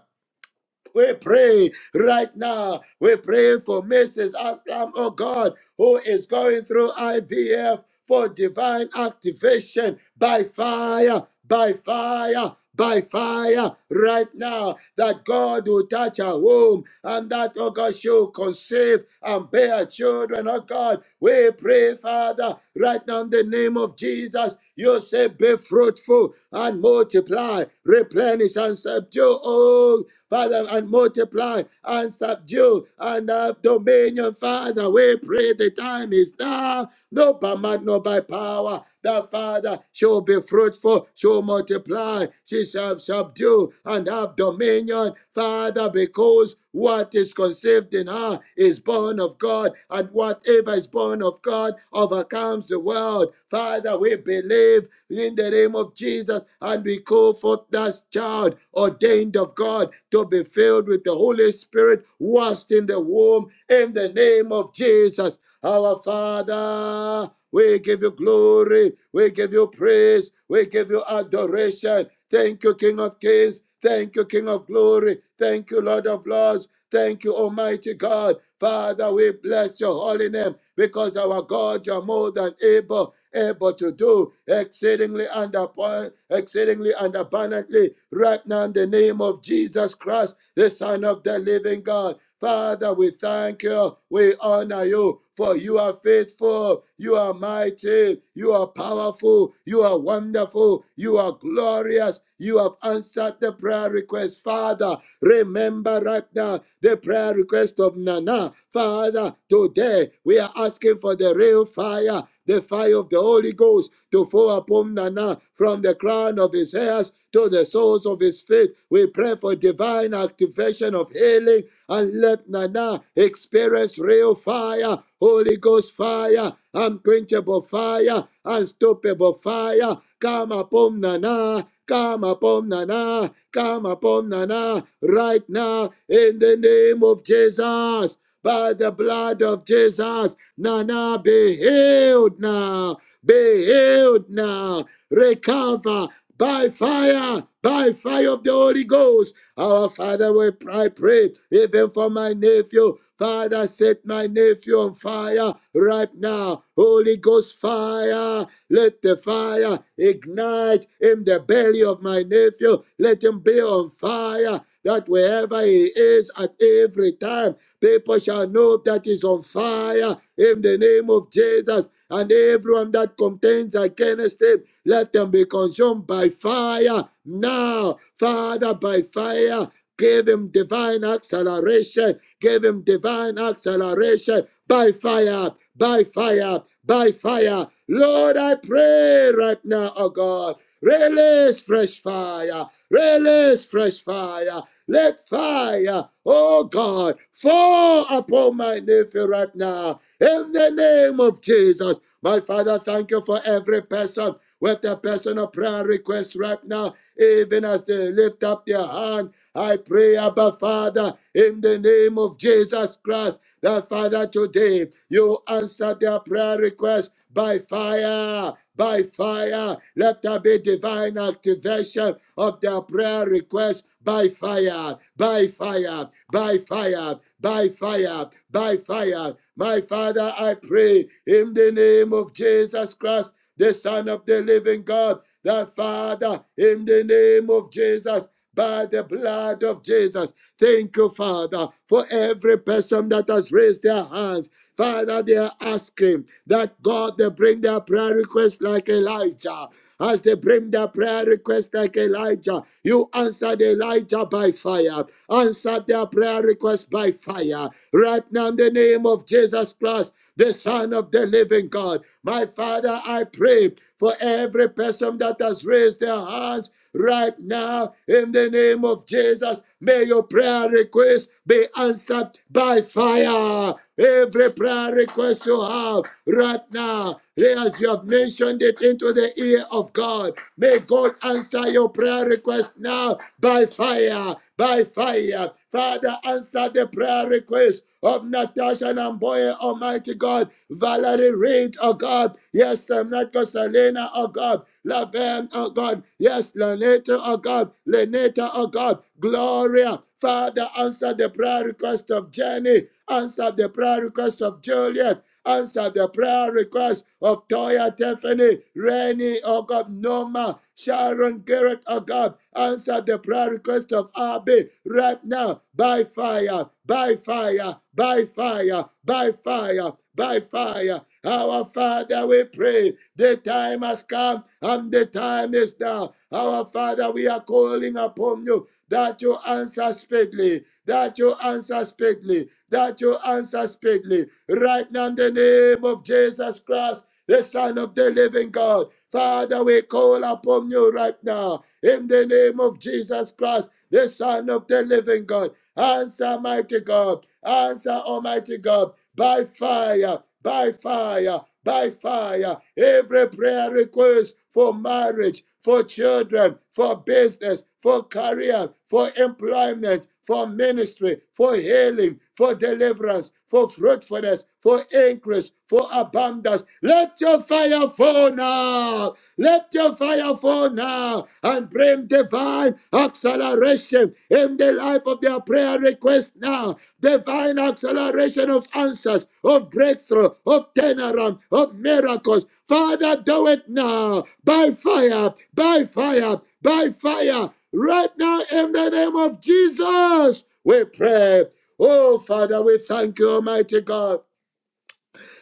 S5: We pray right now. We pray for Mrs. Aslam, oh God, who is going through IVF for divine activation by fire, by fire. By fire right now, that God will touch her womb and that, oh God, she will conceive and bear children, oh God. We pray, Father, right now in the name of Jesus, you say, Be fruitful and multiply, replenish and subdue all Father, and multiply and subdue and have dominion. Father, we pray the time is now. No by might, no by power. The Father shall be fruitful, shall multiply, she shall subdue and have dominion. Father, because what is conceived in her is born of God, and whatever is born of God overcomes the world. Father, we believe in the name of Jesus and we call forth that child. God, ordained of God to be filled with the Holy Spirit, washed in the womb in the name of Jesus. Our Father, we give you glory, we give you praise, we give you adoration. Thank you, King of Kings. Thank you, King of glory. Thank you, Lord of lords. Thank you, Almighty God. Father, we bless your holy name because our God, you're more than able, able to do exceedingly and abon- exceedingly and abundantly. Right now, in the name of Jesus Christ, the Son of the Living God. Father, we thank you. We honor you for you are faithful, you are mighty, you are powerful, you are wonderful, you are glorious, you have answered the prayer request, Father. Remember right now the prayer request of Nana, Father. Today we are asking for the real fire the fire of the Holy Ghost to fall upon Nana from the crown of his hairs to the soles of his feet. We pray for divine activation of healing and let Nana experience real fire, Holy Ghost fire, unquenchable fire, unstoppable fire. Come upon Nana. Come upon Nana, come upon Nana right now in the name of Jesus by the blood of Jesus. Nana, be healed now. Be healed now. Recover by fire, by fire of the Holy Ghost. Our Father, we pray, pray, even for my nephew. Father, set my nephew on fire right now. Holy Ghost fire, let the fire ignite in the belly of my nephew. Let him be on fire that wherever he is at every time, People shall know that is on fire in the name of Jesus. And everyone that contends against him, let them be consumed by fire now. Father, by fire, give him divine acceleration. Give him divine acceleration by fire, by fire, by fire. Lord, I pray right now, oh God. Release fresh fire. Release fresh fire. Let fire, oh God, fall upon my nephew right now. In the name of Jesus. My Father, thank you for every person with a personal prayer request right now, even as they lift up their hand. I pray, Abba Father, in the name of Jesus Christ, that Father, today you answer their prayer request by fire. By fire, let there be divine activation of their prayer request by fire, by fire, by fire, by fire, by fire. My Father, I pray in the name of Jesus Christ, the Son of the living God, that Father, in the name of Jesus by the blood of Jesus. Thank you, Father, for every person that has raised their hands. Father, they are asking that God they bring their prayer request like Elijah. As they bring their prayer request like Elijah, you answered Elijah by fire. Answer their prayer request by fire. Right now, in the name of Jesus Christ, the Son of the living God. My Father, I pray for every person that has raised their hands right now in the name of Jesus. May your prayer request be answered by fire. Every prayer request you have right now, as you have mentioned it into the ear of God, may God answer your prayer request now by fire by fire. Father, answer the prayer request of Natasha Namboye, Almighty God, Valerie Reed, oh God, yes, um, Natko Selena, oh God, Laven, oh God, yes, Laneta, oh God, Leneta, oh God, Gloria. Father, answer the prayer request of Jenny, answer the prayer request of Juliet, Answer the prayer request of Toya Tiffany, Rennie, oh God, Noma, Sharon Garrett, oh God. Answer the prayer request of Abby right now by fire, by fire, by fire, by fire, by fire. Our Father, we pray. The time has come and the time is now. Our Father, we are calling upon you that you answer speedily, that you answer speedily that you answer speedily. Right now, in the name of Jesus Christ, the Son of the living God. Father, we call upon you right now in the name of Jesus Christ, the Son of the living God. Answer, mighty God. Answer, Almighty God. By fire, by fire, by fire. Every prayer request for marriage, for children, for business, for career, for employment, for ministry, for healing, for deliverance, for fruitfulness, for increase, for abundance. Let your fire fall now. Let your fire fall now and bring divine acceleration in the life of their prayer request now. Divine acceleration of answers, of breakthrough, of turnaround, of miracles. Father, do it now by fire, by fire, by fire. Right now, in the name of Jesus, we pray. Oh, Father, we thank you, Almighty God.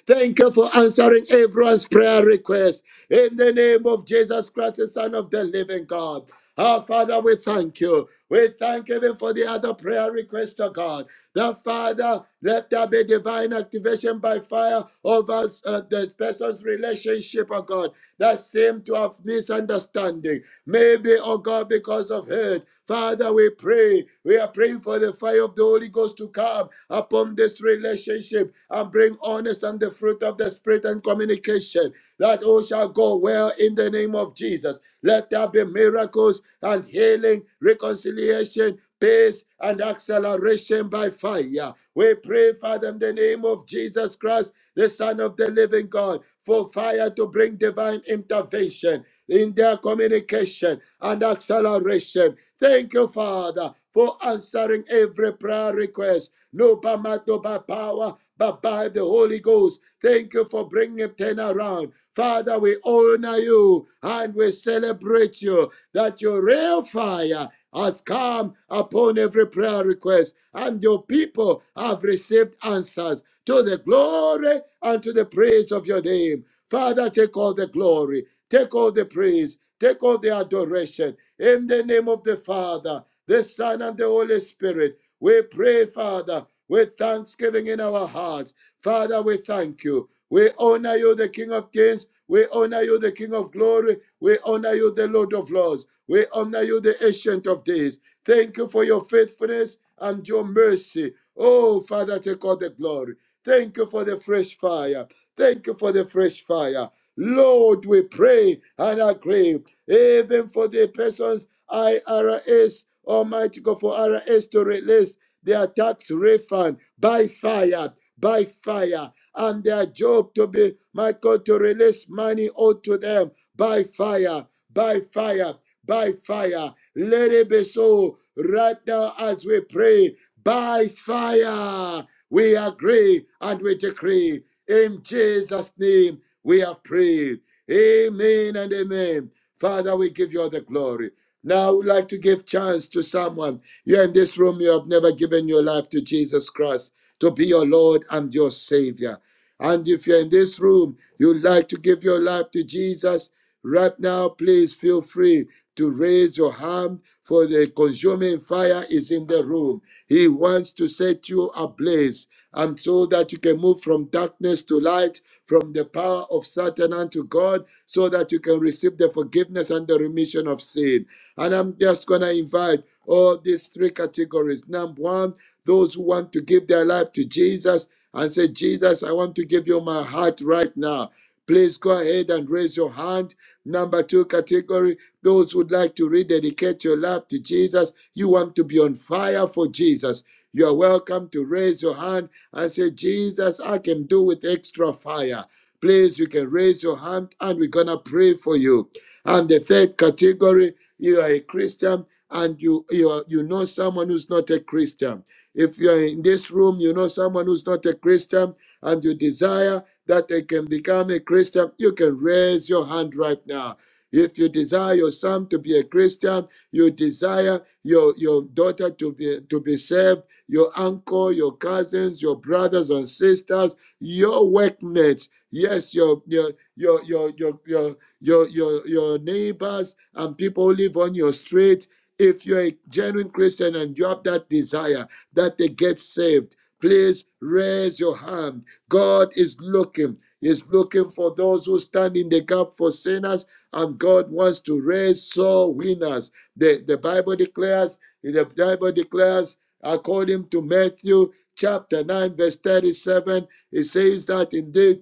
S5: Thank you for answering everyone's prayer request. In the name of Jesus Christ, the Son of the living God. Our Father, we thank you. We thank you even for the other prayer request, oh God. The Father, let there be divine activation by fire over uh, the person's relationship, oh God, that seemed to have misunderstanding. Maybe, oh God, because of hurt. Father, we pray. We are praying for the fire of the Holy Ghost to come upon this relationship and bring honest and the fruit of the Spirit and communication that all shall go well in the the name of Jesus. Let there be miracles and healing, reconciliation, peace, and acceleration by fire. We pray, Father, in the name of Jesus Christ, the Son of the living God, for fire to bring divine intervention in their communication and acceleration. Thank you, Father, for answering every prayer request. No by might, no by power, but by the Holy Ghost. Thank you for bringing a turnaround. Father, we honor you and we celebrate you that your real fire has come upon every prayer request, and your people have received answers to the glory and to the praise of your name. Father, take all the glory, take all the praise, take all the adoration. In the name of the Father, the Son, and the Holy Spirit, we pray, Father, with thanksgiving in our hearts. Father, we thank you. We honor you, the King of Kings. We honor you, the King of Glory. We honor you, the Lord of Lords. We honor you, the Ancient of Days. Thank you for your faithfulness and your mercy. Oh, Father, take all the glory. Thank you for the fresh fire. Thank you for the fresh fire. Lord, we pray and agree, even for the persons IRS, Almighty God, for IRS to release their tax refund by fire by fire and their job to be, my God, to release money unto them by fire, by fire, by fire. Let it be so right now as we pray. By fire, we agree and we decree. In Jesus' name, we have prayed. Amen and amen. Father, we give you all the glory. Now, I would like to give chance to someone. You're in this room, you have never given your life to Jesus Christ to be your Lord and your Savior. And if you're in this room, you'd like to give your life to Jesus, right now, please feel free to raise your hand for the consuming fire is in the room. He wants to set you ablaze and so that you can move from darkness to light, from the power of Satan unto God, so that you can receive the forgiveness and the remission of sin. And I'm just going to invite all these three categories. Number one, those who want to give their life to Jesus and say, Jesus, I want to give you my heart right now. Please go ahead and raise your hand. Number two category, those who'd like to rededicate your life to Jesus. You want to be on fire for Jesus. You are welcome to raise your hand and say, Jesus, I can do with extra fire. Please, you can raise your hand and we're going to pray for you. And the third category, you are a Christian and you, you, are, you know someone who's not a Christian if you're in this room, you know someone who's not a Christian and you desire that they can become a Christian, you can raise your hand right now. If you desire your son to be a Christian, you desire your, your daughter to be, to be saved, your uncle, your cousins, your brothers and sisters, your workmates, yes, your your your your your your your your, your neighbors and people who live on your street. If you're a genuine Christian and you have that desire, that they get saved. Please raise your hand. God is looking. He's looking for those who stand in the gap for sinners, and God wants to raise soul winners. The, the Bible declares, the Bible declares, according to Matthew chapter 9, verse 37, it says that indeed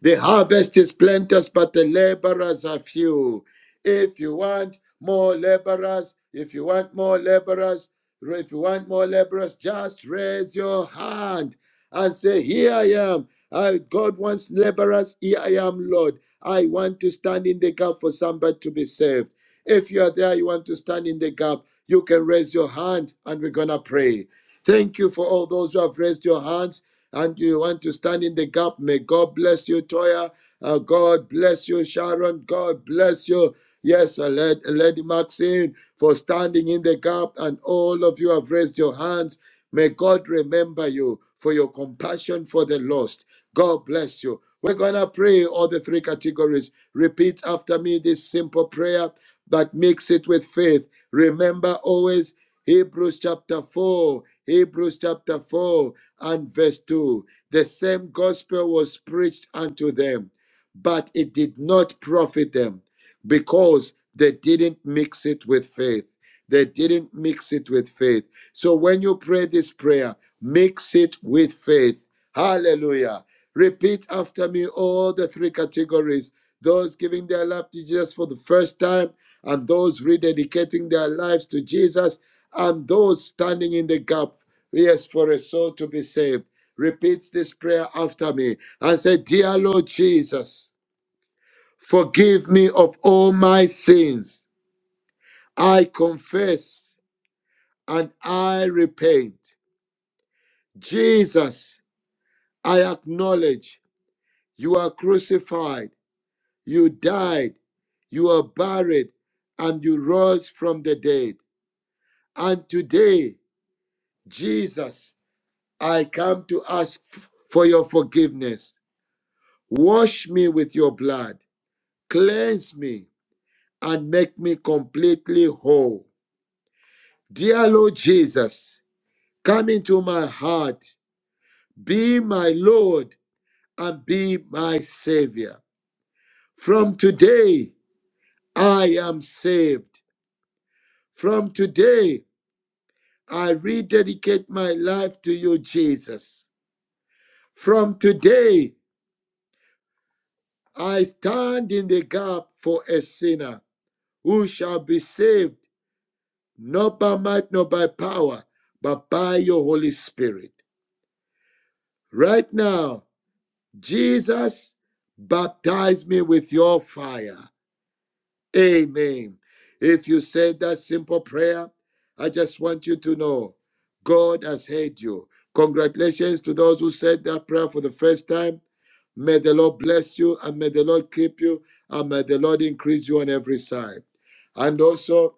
S5: the harvest is plenteous, but the laborers are few. If you want more laborers, if you want more laborers, if you want more laborers, just raise your hand and say, Here I am. I, God wants laborers. Here I am, Lord. I want to stand in the gap for somebody to be saved. If you are there, you want to stand in the gap, you can raise your hand and we're going to pray. Thank you for all those who have raised your hands and you want to stand in the gap. May God bless you, Toya. Uh, God bless you, Sharon. God bless you. Yes, uh, Lad- Lady Maxine, for standing in the gap. And all of you have raised your hands. May God remember you for your compassion for the lost. God bless you. We're going to pray all the three categories. Repeat after me this simple prayer, but mix it with faith. Remember always Hebrews chapter 4, Hebrews chapter 4 and verse 2. The same gospel was preached unto them, but it did not profit them because they didn't mix it with faith. They didn't mix it with faith. So when you pray this prayer, mix it with faith. Hallelujah. Repeat after me all the three categories those giving their life to Jesus for the first time, and those rededicating their lives to Jesus, and those standing in the gap, yes, for a soul to be saved. Repeat this prayer after me and say, Dear Lord Jesus, forgive me of all my sins. I confess and I repent. Jesus, I acknowledge you are crucified, you died, you are buried, and you rose from the dead. And today, Jesus, I come to ask for your forgiveness. Wash me with your blood, cleanse me, and make me completely whole. Dear Lord Jesus, come into my heart, be my Lord and be my Savior. From today, I am saved. From today, I rededicate my life to you, Jesus. From today, I stand in the gap for a sinner who shall be saved, not by might, not by power, but by your Holy Spirit. Right now, Jesus, baptize me with your fire. Amen. If you said that simple prayer, I just want you to know God has heard you. Congratulations to those who said that prayer for the first time. May the Lord bless you and may the Lord keep you and may the Lord increase you on every side. And also,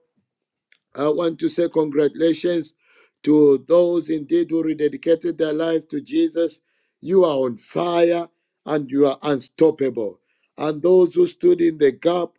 S5: I want to say congratulations to those indeed who rededicated their life to Jesus. You are on fire and you are unstoppable. And those who stood in the gap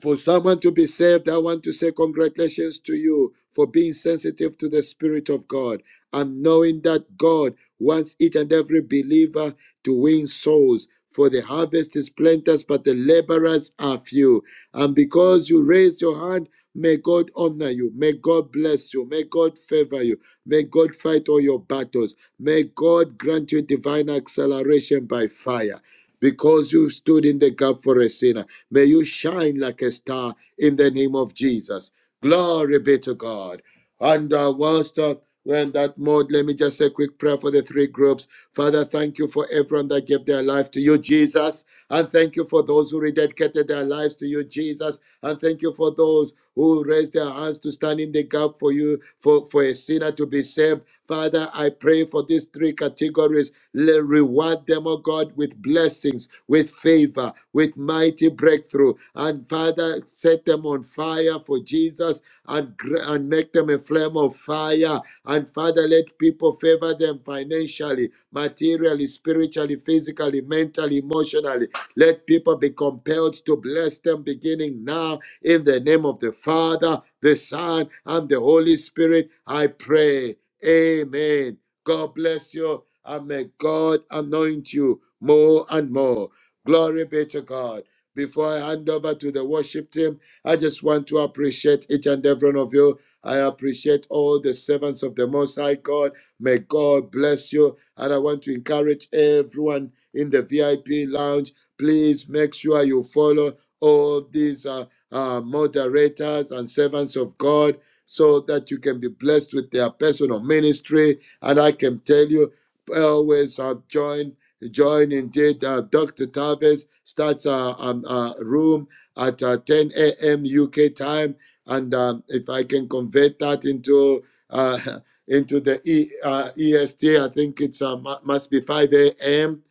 S5: for someone to be saved, I want to say congratulations to you for being sensitive to the Spirit of God and knowing that God wants each and every believer to win souls. For the harvest is plenteous, but the laborers are few. And because you raise your hand, may God honor you. May God bless you. May God favor you. May God fight all your battles. May God grant you divine acceleration by fire because you stood in the gap for a sinner. May you shine like a star in the name of Jesus. Glory be to God. And uh, whilst uh, we're in that mode, let me just say a quick prayer for the three groups. Father, thank you for everyone that gave their life to you, Jesus. And thank you for those who rededicated their lives to you, Jesus. And thank you for those who raised their hands to stand in the gap for you, for, for a sinner to be saved. Father, I pray for these three categories. Let reward them, oh God, with blessings, with favor, with mighty breakthrough. And Father, set them on fire for Jesus and, gr- and make them a flame of fire. And Father, let people favor them financially, materially, spiritually, physically, mentally, emotionally. Let people be compelled to bless them beginning now in the name of the Father, the Son, and the Holy Spirit, I pray. Amen. God bless you, and may God anoint you more and more. Glory be to God. Before I hand over to the worship team, I just want to appreciate each and every one of you. I appreciate all the servants of the Most High God. May God bless you. And I want to encourage everyone in the VIP lounge. Please make sure you follow all these. uh, uh, moderators and servants of God so that you can be blessed with their personal ministry. And I can tell you, I always have joined. Join indeed. Uh, Dr. Tavis starts a, um, a room at uh, 10 a.m. UK time, and um, if I can convert that into uh, (laughs) into the e, uh, EST, I think it's uh, must be 5 a.m.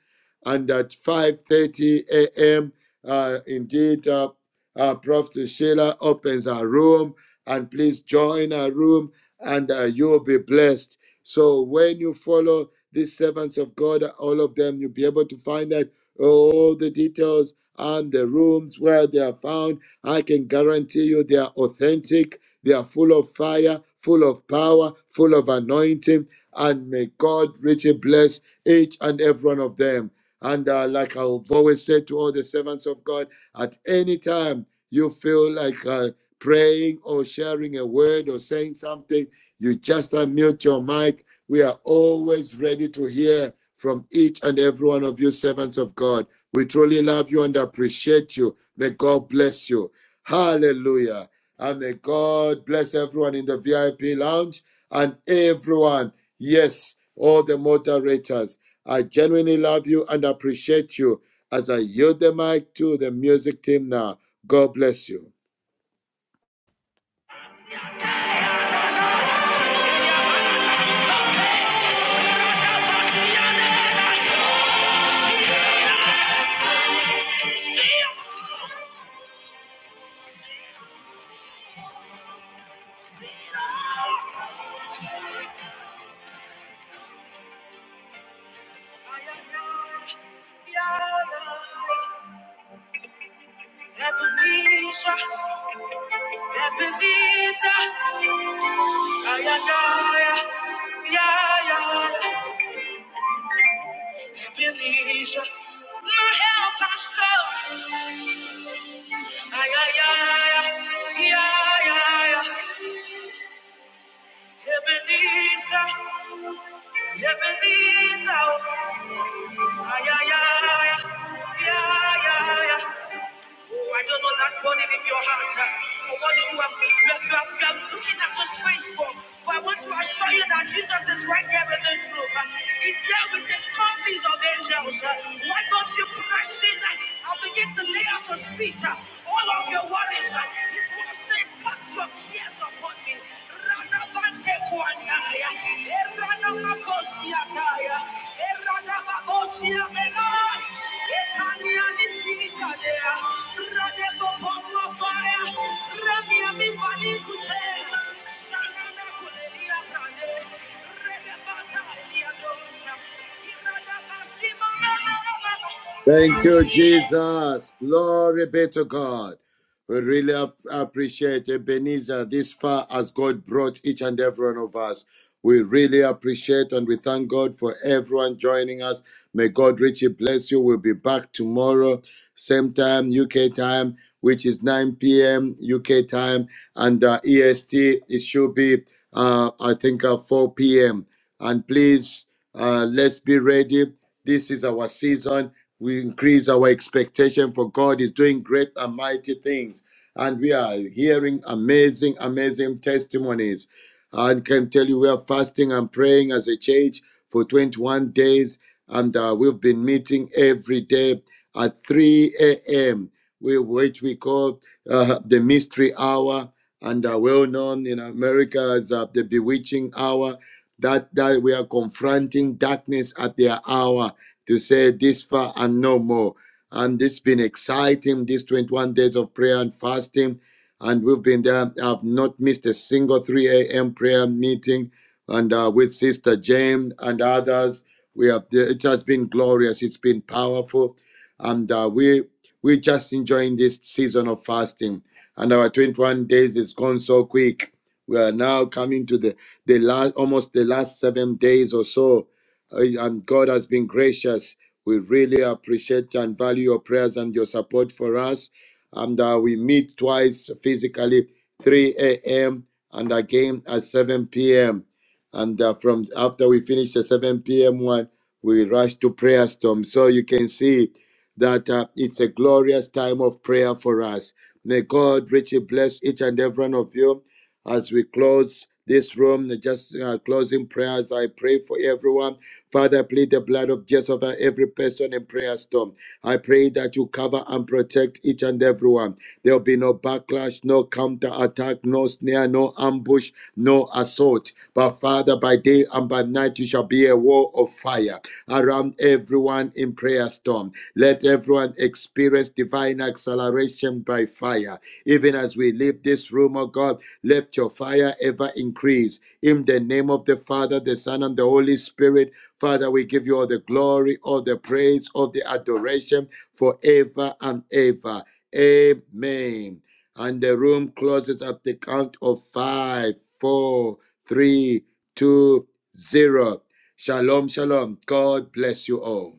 S5: and at 5:30 a.m. Uh, indeed. uh, uh, Prophet Sheila opens her room, and please join her room, and uh, you'll be blessed. So when you follow these servants of God, all of them, you'll be able to find out all the details and the rooms where they are found. I can guarantee you they are authentic, they are full of fire, full of power, full of anointing, and may God richly bless each and every one of them. And uh, like I've always said to all the servants of God, at any time, you feel like uh, praying or sharing a word or saying something, you just unmute your mic. We are always ready to hear from each and every one of you, servants of God. We truly love you and appreciate you. May God bless you. Hallelujah. And may God bless everyone in the VIP lounge and everyone. Yes, all the moderators. I genuinely love you and appreciate you as I yield the mic to the music team now. God bless you.
S1: Ebenezer, Ebenezer, ay, ay, ay, ay, ay, Ebenezer, my help has come, ay, ay, ay, ay, ay, ay, Ebenezer, Ebenezer, ay, ay, ay, ay, ay, Oh, I don't know that burning in your heart. uh, Or what you have, you have, you have, you have looking at the space for. But I want to assure you that Jesus is right here in this room. Uh, He's here with his companies of angels. Uh, Why don't you press in uh, and begin to lay out your speech? uh, All of your worries. uh, His word says, cast your cares upon me. Rather than take one.
S5: Thank you,
S1: Thank you.
S5: Jesus. Glory be to God. We really ap- appreciate Ebenezer this far as God brought each and every one of us. We really appreciate and we thank God for everyone joining us. May God richly bless you. We'll be back tomorrow, same time, UK time, which is 9 p.m. UK time, and uh, EST, it should be, uh, I think, uh, 4 p.m. And please, uh, let's be ready. This is our season we increase our expectation for God is doing great and mighty things. And we are hearing amazing, amazing testimonies. I can tell you we are fasting and praying as a church for 21 days. And uh, we've been meeting every day at 3 a.m., we- which we call uh, the mystery hour. And uh, well known in America as uh, the bewitching hour, that, that we are confronting darkness at their hour to say this far and no more. And it's been exciting, these 21 days of prayer and fasting. And we've been there. I've not missed a single 3 a.m. prayer meeting. And uh, with Sister Jane and others, we have. It has been glorious. It's been powerful, and uh, we we're just enjoying this season of fasting. And our 21 days is gone so quick. We are now coming to the the last, almost the last seven days or so uh, and God has been gracious. We really appreciate and value your prayers and your support for us. And uh, we meet twice physically, 3 a.m. and again at 7 p.m. And uh, from after we finish the 7 p.m. one, we rush to prayer storm. So you can see that uh, it's a glorious time of prayer for us. May God richly bless each and every one of you as we close this room. Just uh, closing prayers. I pray for everyone Father, I plead the blood of Jesus over every person in prayer storm. I pray that you cover and protect each and everyone. There will be no backlash, no counter attack, no snare, no ambush, no assault. But Father, by day and by night, you shall be a wall of fire around everyone in prayer storm. Let everyone experience divine acceleration by fire even as we leave this room, oh God, let your fire ever increase. In the name of the Father, the Son, and the Holy Spirit, Father, we give you all the glory, all the praise, all the adoration forever and ever. Amen. And the room closes at the count of five, four, three, two, zero. Shalom, shalom. God bless you all.